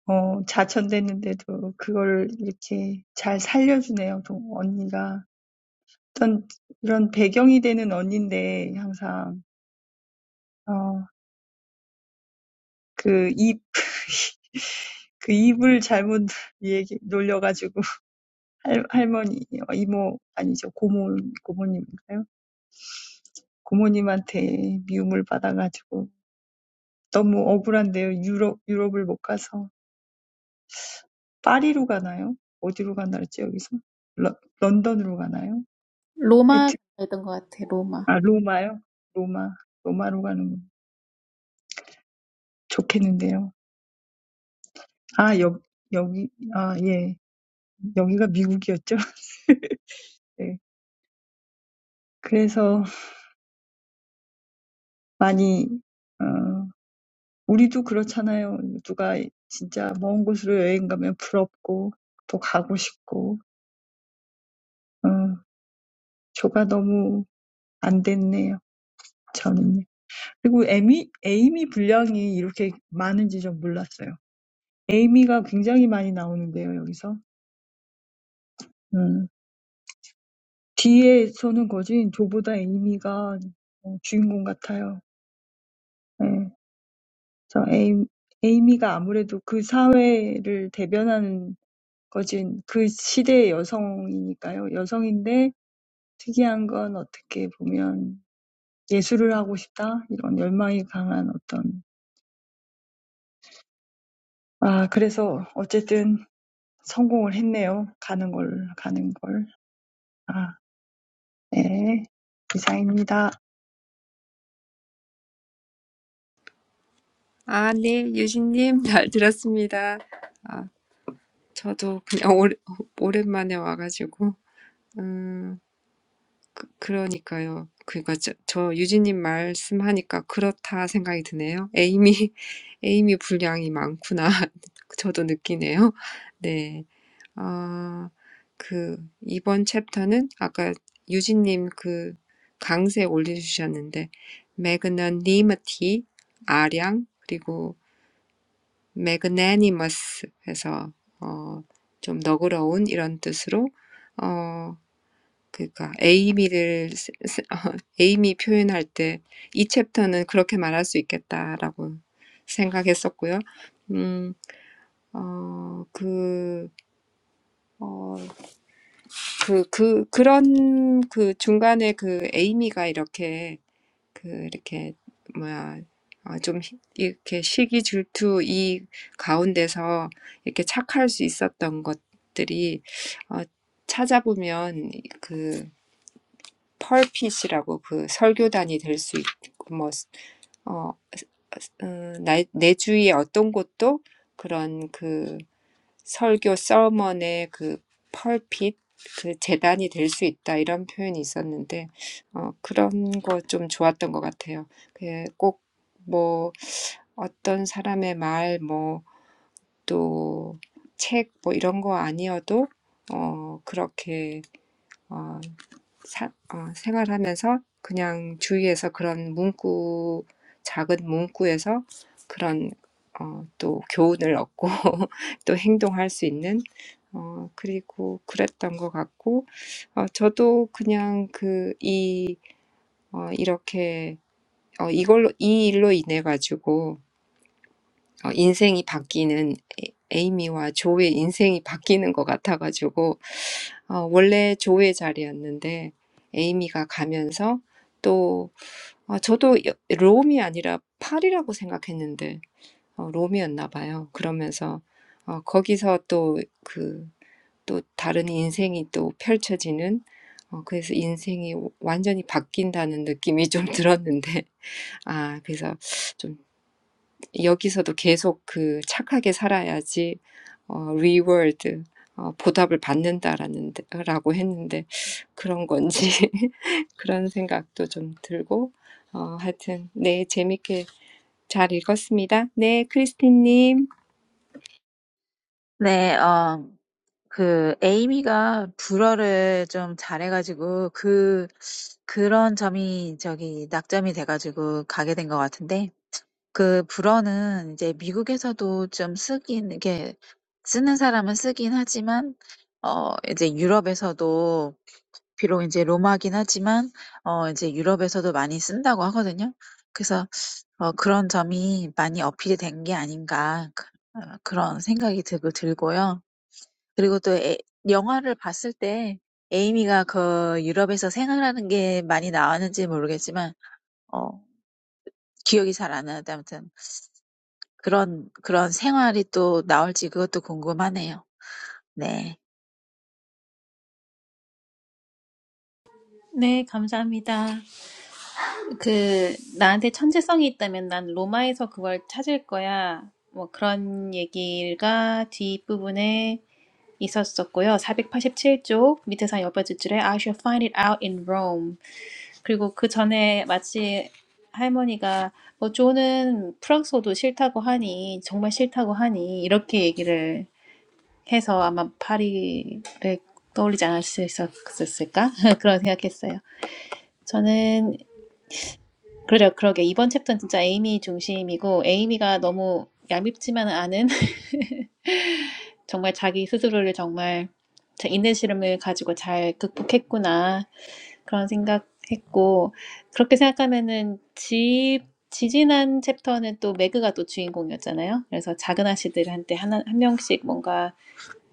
A: 어, 자천됐는데도 그걸 이렇게 잘 살려주네요, 동, 언니가. 어떤 이런 배경이 되는 언니인데, 항상. 어, 그 입, 그 입을 잘못 얘기, 놀려가지고, 할, 할머니, 어, 이모, 아니죠, 고모, 고모님인가요? 고모님한테 미움을 받아가지고, 너무 억울한데요. 유럽, 유럽을 못 가서. 파리로 가나요? 어디로 가나 그랬지, 여기서? 러, 런던으로 가나요?
B: 로마 였던것 같아. 로마.
A: 아, 로마요? 로마, 로마로 가는 거 좋겠는데요. 아, 여, 여기, 아, 예. 여기가 미국이었죠. 네. 그래서 많이, 어, 우리도 그렇잖아요. 누가 진짜 먼 곳으로 여행 가면 부럽고, 또 가고 싶고, 어, 저가 너무 안 됐네요. 저는요. 그리고 에미, 에이미 분량이 이렇게 많은지 좀 몰랐어요. 에이미가 굉장히 많이 나오는데요, 여기서. 뒤에 서는 거지 조보다 에이미가 어, 주인공 같아요. 예. 그래서 에이, 에이미가 아무래도 그 사회를 대변하는 거지 그 시대의 여성이니까요. 여성인데 특이한 건 어떻게 보면 예술을 하고 싶다 이런 열망이 강한 어떤 아 그래서 어쨌든 성공을 했네요. 가는 걸 가는 걸. 아, 네. 이상입니다.
C: 아, 네, 유진님. 잘 들었습니다. 아, 저도 그냥 오래, 오랜만에 와가지고. 음, 그, 그러니까요. 그러니까 저, 저 유진님 말씀하니까 그렇다 생각이 드네요. 에이미, 에이미 분량이 많구나. 저도 느끼네요. 네. 아, 그, 이번 챕터는 아까 유진님 그 강세 올려주셨는데, magnanimity, 아량, 그리고 magnanimous 해서, 어, 좀 너그러운 이런 뜻으로, 어, 그니까, 에이미를, 쓰- 쓰- 어, 에이미 표현할 때, 이 챕터는 그렇게 말할 수 있겠다라고 생각했었고요. 음, 어, 그, 그, 그, 그런 그 중간에 그 에이미가 이렇게 그 이렇게 뭐야 어, 좀 히- 이렇게 시기 질투 이 가운데서 이렇게 착할 수 있었던 것들이 어, 찾아보면 그 펄핏이라고 그 설교단이 될수 있고 뭐 어, 음, 나, 내 주위의 어떤 곳도 그런 설교 서먼의 그 펄핏 그 재단이 될 수 있다 이런 표현이 있었는데 어, 그런 거 좀 좋았던 것 같아요. 그꼭뭐 어떤 사람의 말, 뭐, 또, 책, 뭐, 이런 거 아니어도, 어, 그렇게, 어, 사어 생활하면서 그냥 주위에서 그런 문구 작은 문구에서 그런 어또 교훈을 얻고 또 행동할 수 있는 어 그리고 그랬던 것 같고 어 저도 그냥 그이어 이렇게 어 이걸로 이 일로 인해 가지고 어 인생이 바뀌는 에이미와 조의 인생이 바뀌는 것 같아가지고 어, 원래 조의 자리였는데 에이미가 가면서 또 아, 저도 여- 롬이 아니라 파리라고 생각했는데 어, 롬이었나 봐요. 그러면서 어, 거기서 또 그, 또 다른 인생이 또 펼쳐지는 어, 그래서 인생이 완전히 바뀐다는 느낌이 좀 들었는데 아 그래서 좀 여기서도 계속 그 착하게 살아야지 어, reward, 어, 보답을 받는다라는, 데- 라고 했는데, 그런 건지, 그런 생각도 좀 들고, 어, 하여튼, 네, 재밌게 잘 읽었습니다. 네, 크리스틴님.
D: 네, 어, 그, 에이미가 불어를 좀 잘해가지고, 그, 그런 점이 저기 낙점이 돼가지고 가게 된것 같은데, 그 불어는 이제 미국에서도 좀 쓰긴 이게 쓰는 사람은 쓰긴 하지만 어 이제 유럽에서도 비록 이제 로마긴 하지만 어 이제 유럽에서도 많이 쓴다고 하거든요. 그래서 어 '그런 점이 많이 어필이 된 게 아닌가.' 그 어 그런 생각이 들고 들고요. 그리고 또 에 영화를 봤을 때 에이미가 그 유럽에서 생활하는 게 많이 나왔는지 모르겠지만 어 기억이 잘 안 나는데 아무튼 그런 그런 생활이 또 나올지 그것도 궁금하네요. 네.
B: 네, 감사합니다. 그, 나한테 천재성이 있다면 난 로마에서 그걸 찾을 거야. 뭐 그런 얘기가 뒷부분에 있었었고요. 487쪽 밑에서 옆에 줄줄에 I shall find it out in Rome. 그리고 그 전에 마치 할머니가 뭐 조는 프랑스어도 싫다고 하니 정말 싫다고 하니 이렇게 얘기를 해서 아마 파리를 떠올리지 않았을 수 있었을까? 그런 생각했어요. 저는 그래요. 그러게. 이번 챕터는 진짜 에이미 중심이고, 에이미가 너무 얄밉지만은 않은, 정말 자기 스스로를 정말 자- 인내심을 가지고 잘 극복했구나. 그런 생각했고, 그렇게 생각하면은 집, 지지난 챕터는 또 매그가 또 주인공이었잖아요. 그래서 작은 아씨들한테 하나, 한 명씩 뭔가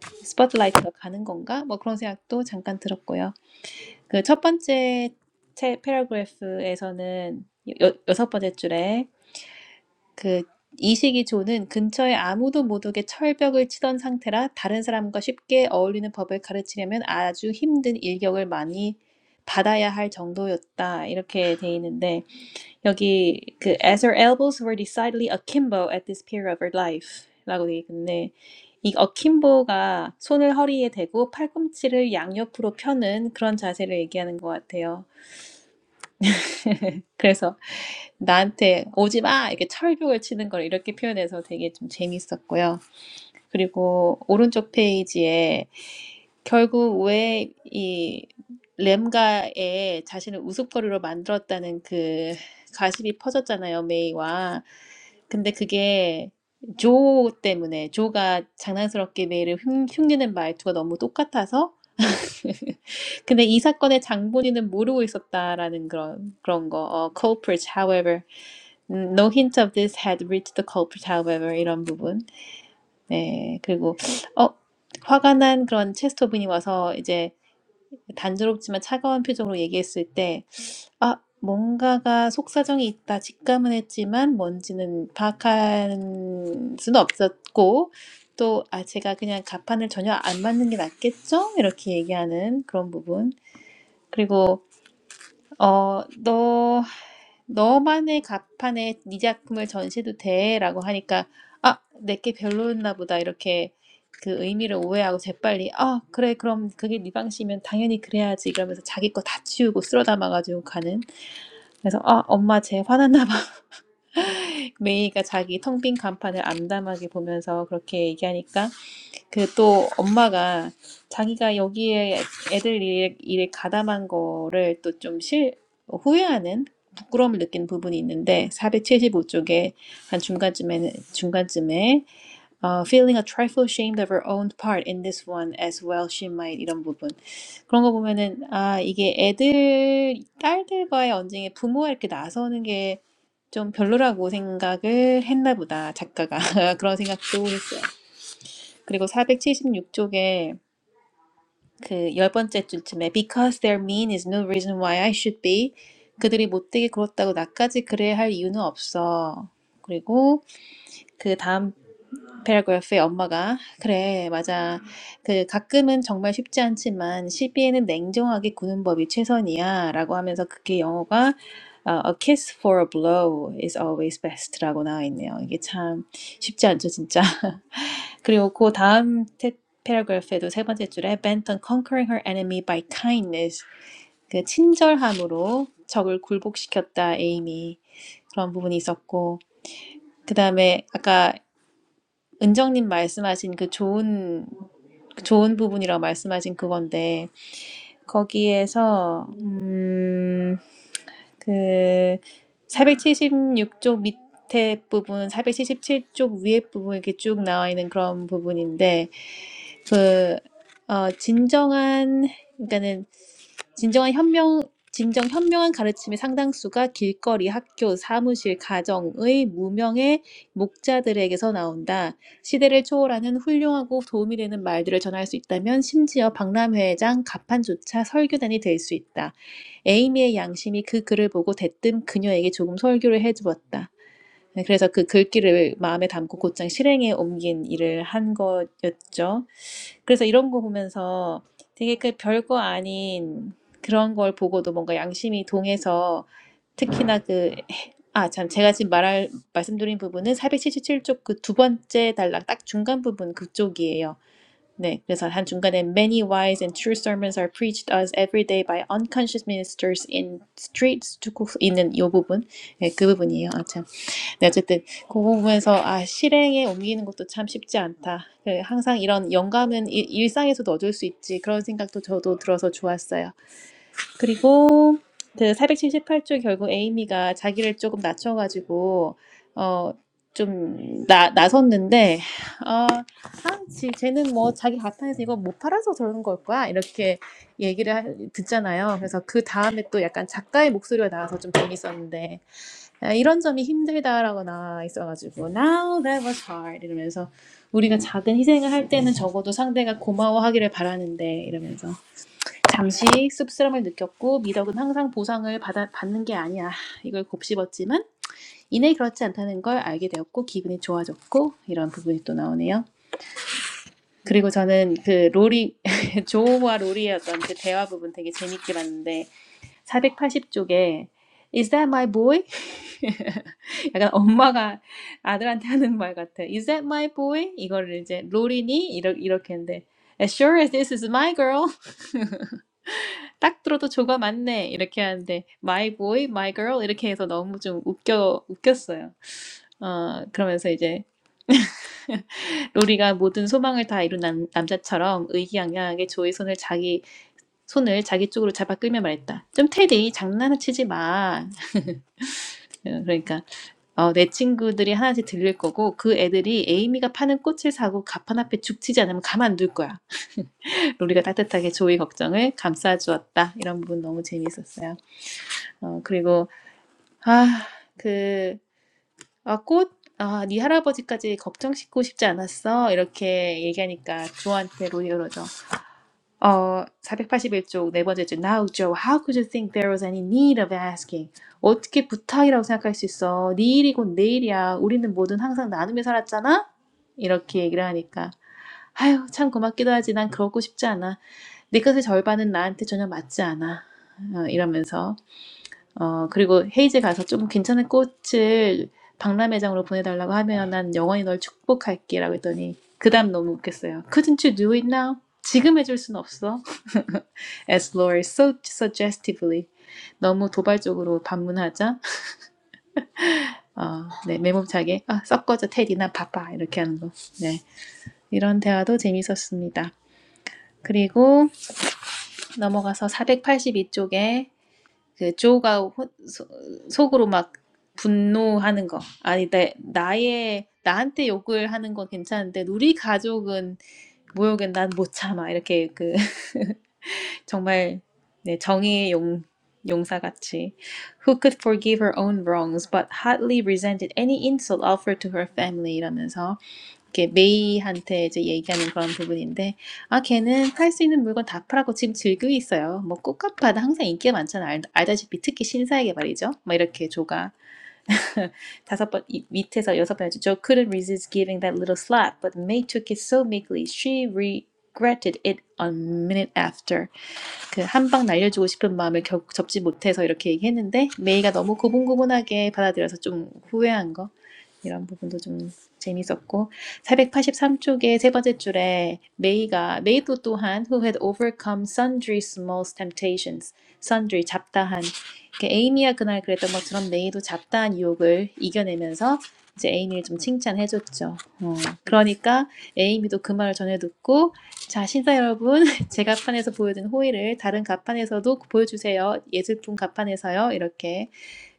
B: 스포트라이트가 가는 건가? 뭐 그런 생각도 잠깐 들었고요. 그 첫 번째 채, 패러그래프에서는 여, 여섯 번째 줄에 그 이시기 조는 근처에 아무도 못 오게 철벽을 치던 상태라 다른 사람과 쉽게 어울리는 법을 가르치려면 아주 힘든 일격을 많이 받아야 할 정도였다. 이렇게 돼 있는데 여기 그 as her elbows were decidedly akimbo at this period of her life라고 돼 있는데 이 akimbo가 손을 허리에 대고 팔꿈치를 양옆으로 펴는 그런 자세를 얘기하는 것 같아요. 그래서 나한테 오지 마! 이렇게 철벽을 치는 걸 이렇게 표현해서 되게 좀 재밌었고요. 그리고 오른쪽 페이지에 결국 왜 이 램가에 자신을 우스갯거리로 만들었다는 그 가십이 퍼졌잖아요, 메이와. 근데 그게 조 때문에, 조가 장난스럽게 메이를 흉, 흉내낸 말투가 너무 똑같아서 근데 이 사건의 장본인은 모르고 있었다라는 그런 그런 거. 어, culprit, however, 음, no hint of this had reached the culprit, however 이런 부분. 네, 그리고 어 화가 난 그런 체스터분이 와서 이제 단조롭지만 차가운 표정으로 얘기했을 때, 아 뭔가가 속사정이 있다 직감은 했지만 뭔지는 파악한 수는 없었고. 또, 아, 제가 그냥 가판을 전혀 안 맞는 게 낫겠죠? 이렇게 얘기하는 그런 부분. 그리고 어, 너 너만의 가판에 네 작품을 전시해도 돼라고 하니까 아, 내게 별로였나 보다 이렇게 그 의미를 오해하고 재빨리 아, 그래 그럼 그게 네 방식이면 당연히 그래야지 이러면서 자기 거 다 치우고 쓸어 담아가지고 가는 그래서 아, 엄마 쟤 화났나 봐. 메이가 자기 텅 빈 간판을 암담하게 보면서 그렇게 얘기하니까 그 또 엄마가 자기가 여기에 애들 일에, 일에 가담한 거를 또 좀 실, 후회하는 부끄러움을 느끼는 부분이 있는데 475쪽에 한 중간쯤에 중간쯤에 어, feeling a trifle ashamed of her own part in this one as well she might 이런 부분 그런 거 보면은 아 이게 애들 딸들과의 언쟁에 부모가 이렇게 나서는 게 좀 별로라고 생각을 했나 보다 작가가 그런 생각도 했어요. 그리고 476쪽에 그 열 번째 줄쯤에 Because they're mean is no reason why I should be. 그들이 못되게 굴었다고 나까지 그래야 할 이유는 없어. 그리고 그 다음 페라그라프에 엄마가 그래 맞아 그 가끔은 정말 쉽지 않지만 시비에는 냉정하게 구는 법이 최선이야라고 하면서 그게 영어가 어, A kiss for a blow is always best라고 나와 있네요. 이게 참 쉽지 않죠 진짜. 그리고 그 다음 테, 패러그래프에도 세 번째 줄에 Bent on conquering her enemy by kindness 그 친절함으로 적을 굴복시켰다 에이미 그런 부분이 있었고 그 다음에 아까 은정님 말씀하신 그 좋은 그 좋은 부분이라고 말씀하신 그건데 거기에서 음, 그 476쪽 밑에 부분, 477쪽 위에 부분 이렇게 쭉 나와 있는 그런 부분인데 그 어, 진정한 그러니까는 진정한 현명 진정 현명한 가르침의 상당수가 길거리, 학교, 사무실, 가정의 무명의 목자들에게서 나온다. 시대를 초월하는 훌륭하고 도움이 되는 말들을 전할 수 있다면 심지어 박람회장 가판조차 설교단이 될 수 있다. 에이미의 양심이 그 글을 보고 대뜸 그녀에게 조금 설교를 해주었다. 네, 그래서 그 글귀를 마음에 담고 곧장 실행에 옮긴 일을 한 거였죠. 그래서 이런 거 보면서 되게 그 별거 아닌 그런 걸 보고도 뭔가 양심이 동해서 특히나 그, 아, 참, 제가 지금 말할, 말씀드린 부분은 477쪽 그 두 번째 단락 딱 중간 부분 그쪽이에요. 네, 그래서 한 중간에 Many wise and true sermons are preached us every day by unconscious ministers in streets 쭉 있는 이 부분, 네, 그 부분이에요. 아, 참. 네, 어쨌든 그 부분에서 아 실행에 옮기는 것도 참 쉽지 않다. 그 항상 이런 영감은 일, 일상에서도 얻을 수 있지 그런 생각도 저도 들어서 좋았어요. 그리고 그 478조 결국 에이미가 자기를 조금 낮춰가지고 어좀 나섰는데 아 아, 지- 쟤는 뭐 자기 가판에서 이거 못 팔아서 저러는 걸 거야 이렇게 얘기를 하- 듣잖아요. 그래서 그 다음에 또 약간 작가의 목소리가 나와서 좀 재밌었는데 아, 이런 점이 힘들다라고 나와 있어가지고 now that was hard 이러면서 우리가 작은 희생을 할 때는 적어도 상대가 고마워하기를 바라는데 이러면서 잠시 씁쓸함을 느꼈고 미덕은 항상 보상을 받아, 받는 게 아니야 이걸 곱씹었지만 이내 그렇지 않다는 걸 알게 되었고 기분이 좋아졌고 이런 부분이 또 나오네요. 그리고 저는 그 로리 조와 로리의 어떤 그 대화 부분 되게 재밌게 봤는데 480쪽에 Is that my boy? 약간 엄마가 아들한테 하는 말 같아. Is that my boy? 이거를 이제 롤이니? 이러, 이렇게 했는데 As sure as this is my girl. 딱 들어도 조가 맞네. 이렇게 하는데 my boy, my girl 이렇게 해서 너무 좀 웃겨 웃겼어요. 어 그러면서 이제 로리가 모든 소망을 다 이룬 남, 남자처럼 의기양양하게 조의 손을 자기 손을 자기 쪽으로 잡아 끌며 말했다. 좀 테디 장난치지 마. 어, 그러니까 어내 친구들이 하나씩 들릴 거고 그 애들이 에이미가 파는 꽃을 사고 가판 앞에 죽치지 않으면 가만 둘 거야. 로리가 따뜻하게 조이 걱정을 감싸 주었다. 이런 부분 너무 재미있었어요. 어 그리고 아, 그 아, 꽃 아, 네 할아버지까지 걱정 싣고 싶지 않았어. 이렇게 얘기하니까 조한테 로리 그러죠. 어, 481쪽 네 번째 줄. Now, Joe, how could you think there was any need of asking? 어떻게 부탁이라고 생각할 수 있어? 내일이 곧 내일이야. 우리는 뭐든 항상 나눔에 살았잖아? 이렇게 얘기를 하니까. 아휴, 참 고맙기도 하지. 난 그러고 싶지 않아. 내 것의 절반은 나한테 전혀 맞지 않아. 어, 이러면서. 어 그리고 헤이즈 가서 좀 괜찮은 꽃을 박람회장으로 보내달라고 하면 난 영원히 널 축복할게라고 했더니 그다음 너무 웃겼어요. Couldn't you do it now? 지금 해줄 순 없어. As Laura so suggestively 너무 도발적으로 반문하자 어, 네 매몸차게 아 섞어져 테디 나 바빠 이렇게 하는 거. 네 이런 대화도 재밌었습니다. 그리고 넘어가서 482쪽에 그 조가 호, 소, 속으로 막 분노하는 거. 아니, 내, 나의, 나한테 욕을 하는 건 괜찮은데, 우리 가족은 모욕은 난 못 참아. 이렇게 그, 정말, 네, 정의의 용, 용사같이. Who could forgive her own wrongs, but hotly resented any insult offered to her family? 이러면서. 이렇게 메이한테 이제 얘기하는 그런 부분인데, 아, 걔는 팔 수 있는 물건 다 팔았고 지금 즐기고 있어요. 뭐 꽃가파도 항상 인기가 많잖아. 알, 알다시피 특히 신사에게 말이죠. 뭐 이렇게 조가 다섯 번 이- 밑에서 여섯 번 해줘. Joe couldn't resist giving that little slap, but May took it so meekly she regretted it a minute after. 그 한방 날려주고 싶은 마음을 결국 접지 못해서 이렇게 얘기했는데 메이가 너무 고분고분하게 받아들여서 좀 후회한 거 이런 부분도 좀 재밌었고 483쪽의 세 번째 줄에 메이가 메이도 또한 who had overcome sundry small temptations sundry 잡다한 이렇게 에이미가 그날 그랬던 것처럼 메이도 잡다한 유혹을 이겨내면서 이제 에이미를 좀 칭찬해줬죠. 어, 그러니까 에이미도 그 말을 전해 듣고 자 신사 여러분 제가 판에서 보여준 호의를 다른 가판에서도 보여주세요. 예술품 가판에서요. 이렇게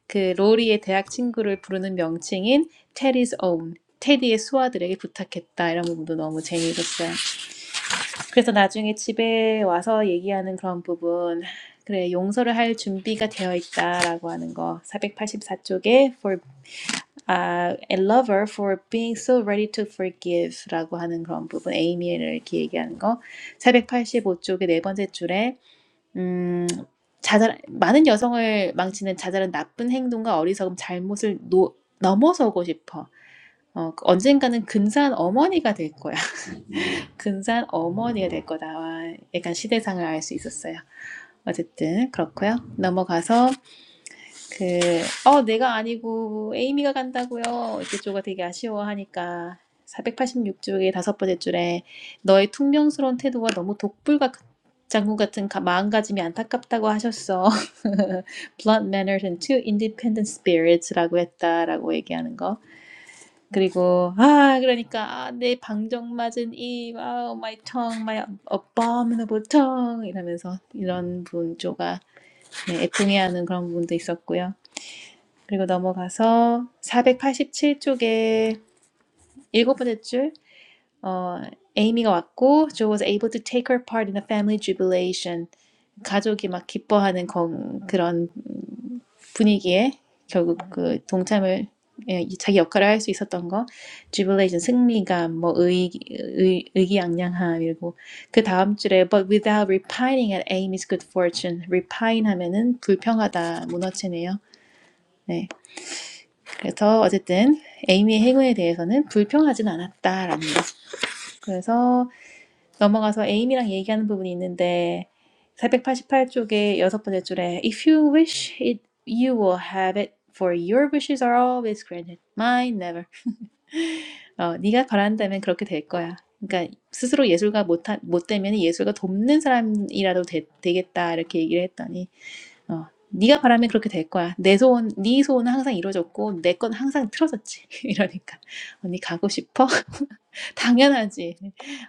B: 그 로리의 대학 친구를 부르는 명칭인 테디 s own. 테디의 수아들에게 부탁했다 이런 부분도 너무 재미있었어요. 그래서 나중에 집에 와서 얘기하는 그런 부분 그래 용서를 할 준비가 되어 있다라고 하는 거 484쪽에 for uh, a lover for being so ready to forgive라고 하는 그런 부분 에이미를 이렇게 얘기하는 거 485쪽의 네 번째 줄에 음. 자잘한 많은 여성을 망치는 자잘한 나쁜 행동과 어리석음, 잘못을 노 넘어서고 싶어. 어 그 언젠가는 근사한 어머니가 될 거야. 근사한 어머니가 될 거다. 와 약간 시대상을 알 수 있었어요. 어쨌든 그렇고요. 넘어가서 그, 어, 내가 아니고 에이미가 간다고요. 이렇게 쪼가 되게 아쉬워하니까 486쪽의 다섯 번째 줄에 너의 퉁명스러운 태도와 너무 독불 같- 장군 같은 가- 마음가짐이 안타깝다고 하셨어. Blunt manners and too independent spirits라고 했다라고 얘기하는 거. 그리고 아 그러니까 아, 내 방정 맞은 입, 아, my tongue, my abominable tongue 이러면서 이런 분 쪼가 네, 애통해하는 그런 부분도 있었고요. 그리고 넘어가서 487쪽에 일곱 번째 줄 어, 에이미가 왔고 Joe was able to take her part in the family jubilation. 가족이 막 기뻐하는 건- 그런 음, 분위기에 결국 그 동참을 예, 자기 역할을 할 수 있었던 거 jubilation 승리감 뭐 의, 의, 의기양양함 이러고 그 다음 줄에 but without repining at Amy's good fortune repine 하면은 불평하다 무너지네요. 네, 그래서 어쨌든 에이미의 행위에 대해서는 불평하진 않았다라는 거. 그래서 넘어가서 에이미랑 얘기하는 부분이 있는데 488쪽에 여섯 번째 줄에 If you wish it, you will have it. For your wishes are always granted. Mine never. 어, 네가 바란다면 그렇게 될 거야. 그러니까 스스로 예술가 못, 못 되면 예술가 돕는 사람이라도 되, 되겠다 이렇게 얘기를 했더니 어, 네가 바라면 그렇게 될 거야. 내 소원, 네 소원은 항상 이루어졌고 내 건 항상 틀어졌지. 이러니까 언니 가고 싶어? 당연하지.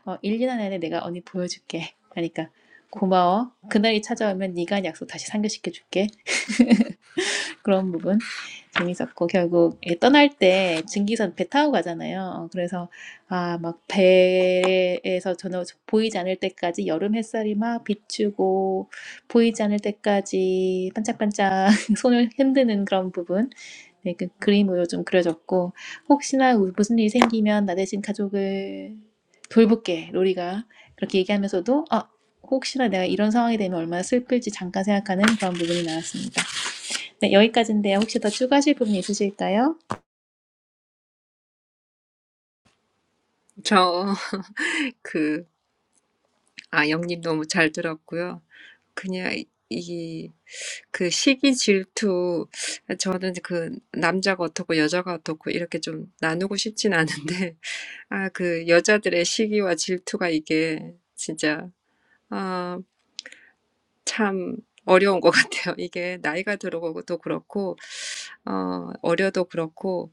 B: 어, 1, 년 안에 내가 언니 보여줄게. 그러니까 고마워. 그날이 찾아오면 네가 한 약속 다시 상기시켜줄게. 그런 부분. 재밌었고 결국 예, 떠날 때 증기선 배 타고 가잖아요. 어, 그래서 아 막 배에서 전혀 보이지 않을 때까지 여름 햇살이 막 비추고 보이지 않을 때까지 반짝반짝 손을 흔드는 그런 부분 네, 그 그림으로 좀 그려졌고 혹시나 우- 무슨 일이 생기면 나 대신 가족을 돌볼게 로리가 그렇게 얘기하면서도 아 혹시나 내가 이런 상황이 되면 얼마나 슬플지 잠깐 생각하는 그런 부분이 나왔습니다. 네, 여기까지인데요. 혹시 더 추가하실 부분 있으실까요?
C: 저, 그, 아영님 너무 잘 들었고요. 그냥, 이, 그 시기 질투, 저는 그 남자가 어떻고 여자가 어떻고 이렇게 좀 나누고 싶진 않은데, 아, 그 여자들의 시기와 질투가 이게 진짜, 참 어려운 것 같아요. 이게 나이가 들어도 그렇고, 어, 어려도 그렇고,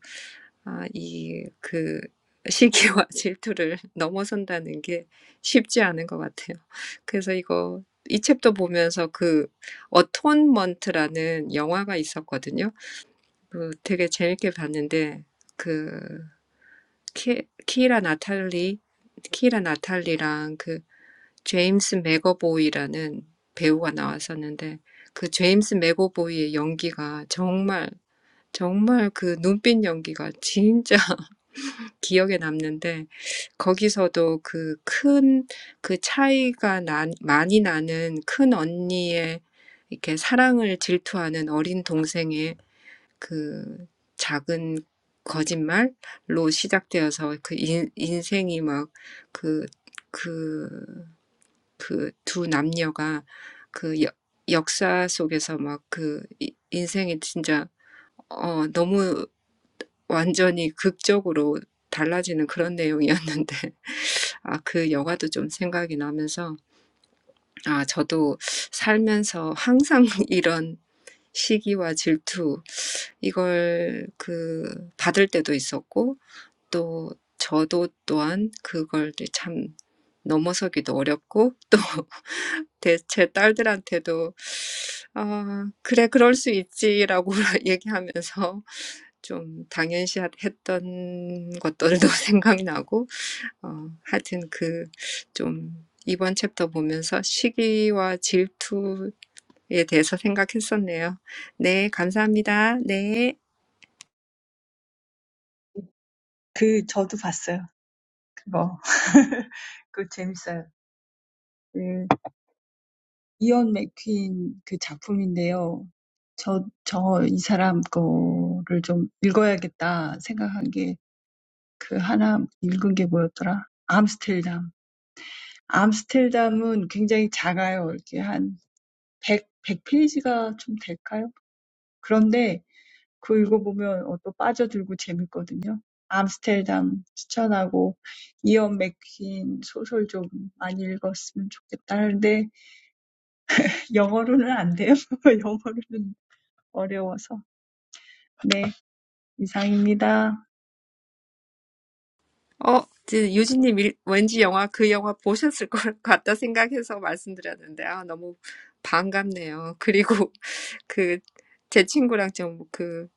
C: 아, 이, 그, 시기와 질투를 넘어선다는 게 쉽지 않은 것 같아요. 그래서 이거, 이 챕터 보면서 그, 어톤먼트라는 영화가 있었거든요. 그 되게 재밌게 봤는데, 그, 키, 키라 나탈리, 키라 나탈리랑 그, 제임스 맥어보이라는 배우가 나왔었는데 그 제임스 맥어보이의 연기가 정말 정말 그 눈빛 연기가 진짜 기억에 남는데 거기서도 그 큰, 그 차이가 나, 많이 나는 큰 언니의 이렇게 사랑을 질투하는 어린 동생의 그 작은 거짓말로 시작되어서 그 인, 인생이 막 그, 그 그두 남녀가 그 여, 역사 속에서 막 그 인생이 진짜 어 너무 완전히 극적으로 달라지는 그런 내용이었는데 아, 그 영화도 좀 생각이 나면서 아, 저도 살면서 항상 이런 시기와 질투 이걸 그 받을 때도 있었고 또 저도 또한 그걸 참 넘어서기도 어렵고 또 제, 제 딸들한테도 아, 그래 그럴 수 있지라고 얘기하면서 좀 당연시했던 것들도 생각나고 어, 하여튼 그좀 이번 챕터 보면서 시기와 질투에 대해서 생각했었네요. 네, 감사합니다. 네.
A: 그 저도 봤어요. 그거. 그거 재밌어요. 네. 이언 맥퀸 그 작품인데요. 저, 저, 이 사람 거를 좀 읽어야겠다 생각한 게그 하나 읽은 게 뭐였더라? 암스텔담. 암스텔담은 굉장히 작아요. 이렇게 한 100, 페이지가 좀 될까요? 그런데 그거 읽어보면 어, 또 빠져들고 재밌거든요. 암스텔담 추천하고 이언 맥퀸 소설 좀 많이 읽었으면 좋겠다. 근데 영어로는 안 돼요. 영어로는 어려워서. 네, 이상입니다.
C: 어, 이제 유진님 일- 왠지 영화 그 영화 보셨을 것 같다 생각해서 말씀드렸는데 아 너무 반갑네요. 그리고 그 제 친구랑 좀그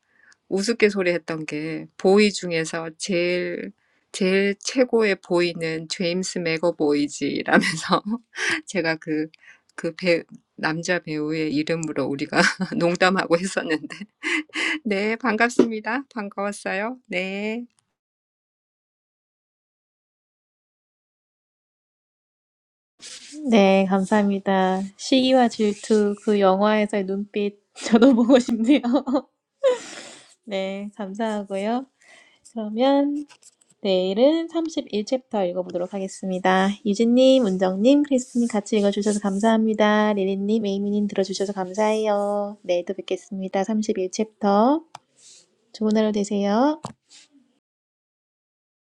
C: 우스갯소리 했던 게 보이 중에서 제일 제일 최고의 보이는 제임스 맥어보이지라면서 제가 그, 그 배, 남자 배우의 이름으로 우리가 농담하고 했었는데. 네, 반갑습니다. 반가웠어요. 네.
B: 네, 감사합니다. 시기와 질투, 그 영화에서의 눈빛, 저도 보고 싶네요. 네, 감사하고요. 그러면 내일은 31챕터 읽어보도록 하겠습니다. 유진님, 은정님, 크리스님 같이 읽어주셔서 감사합니다. 리리님, 에이미님 들어주셔서 감사해요. 내일 또 뵙겠습니다. 31챕터. 좋은 하루 되세요.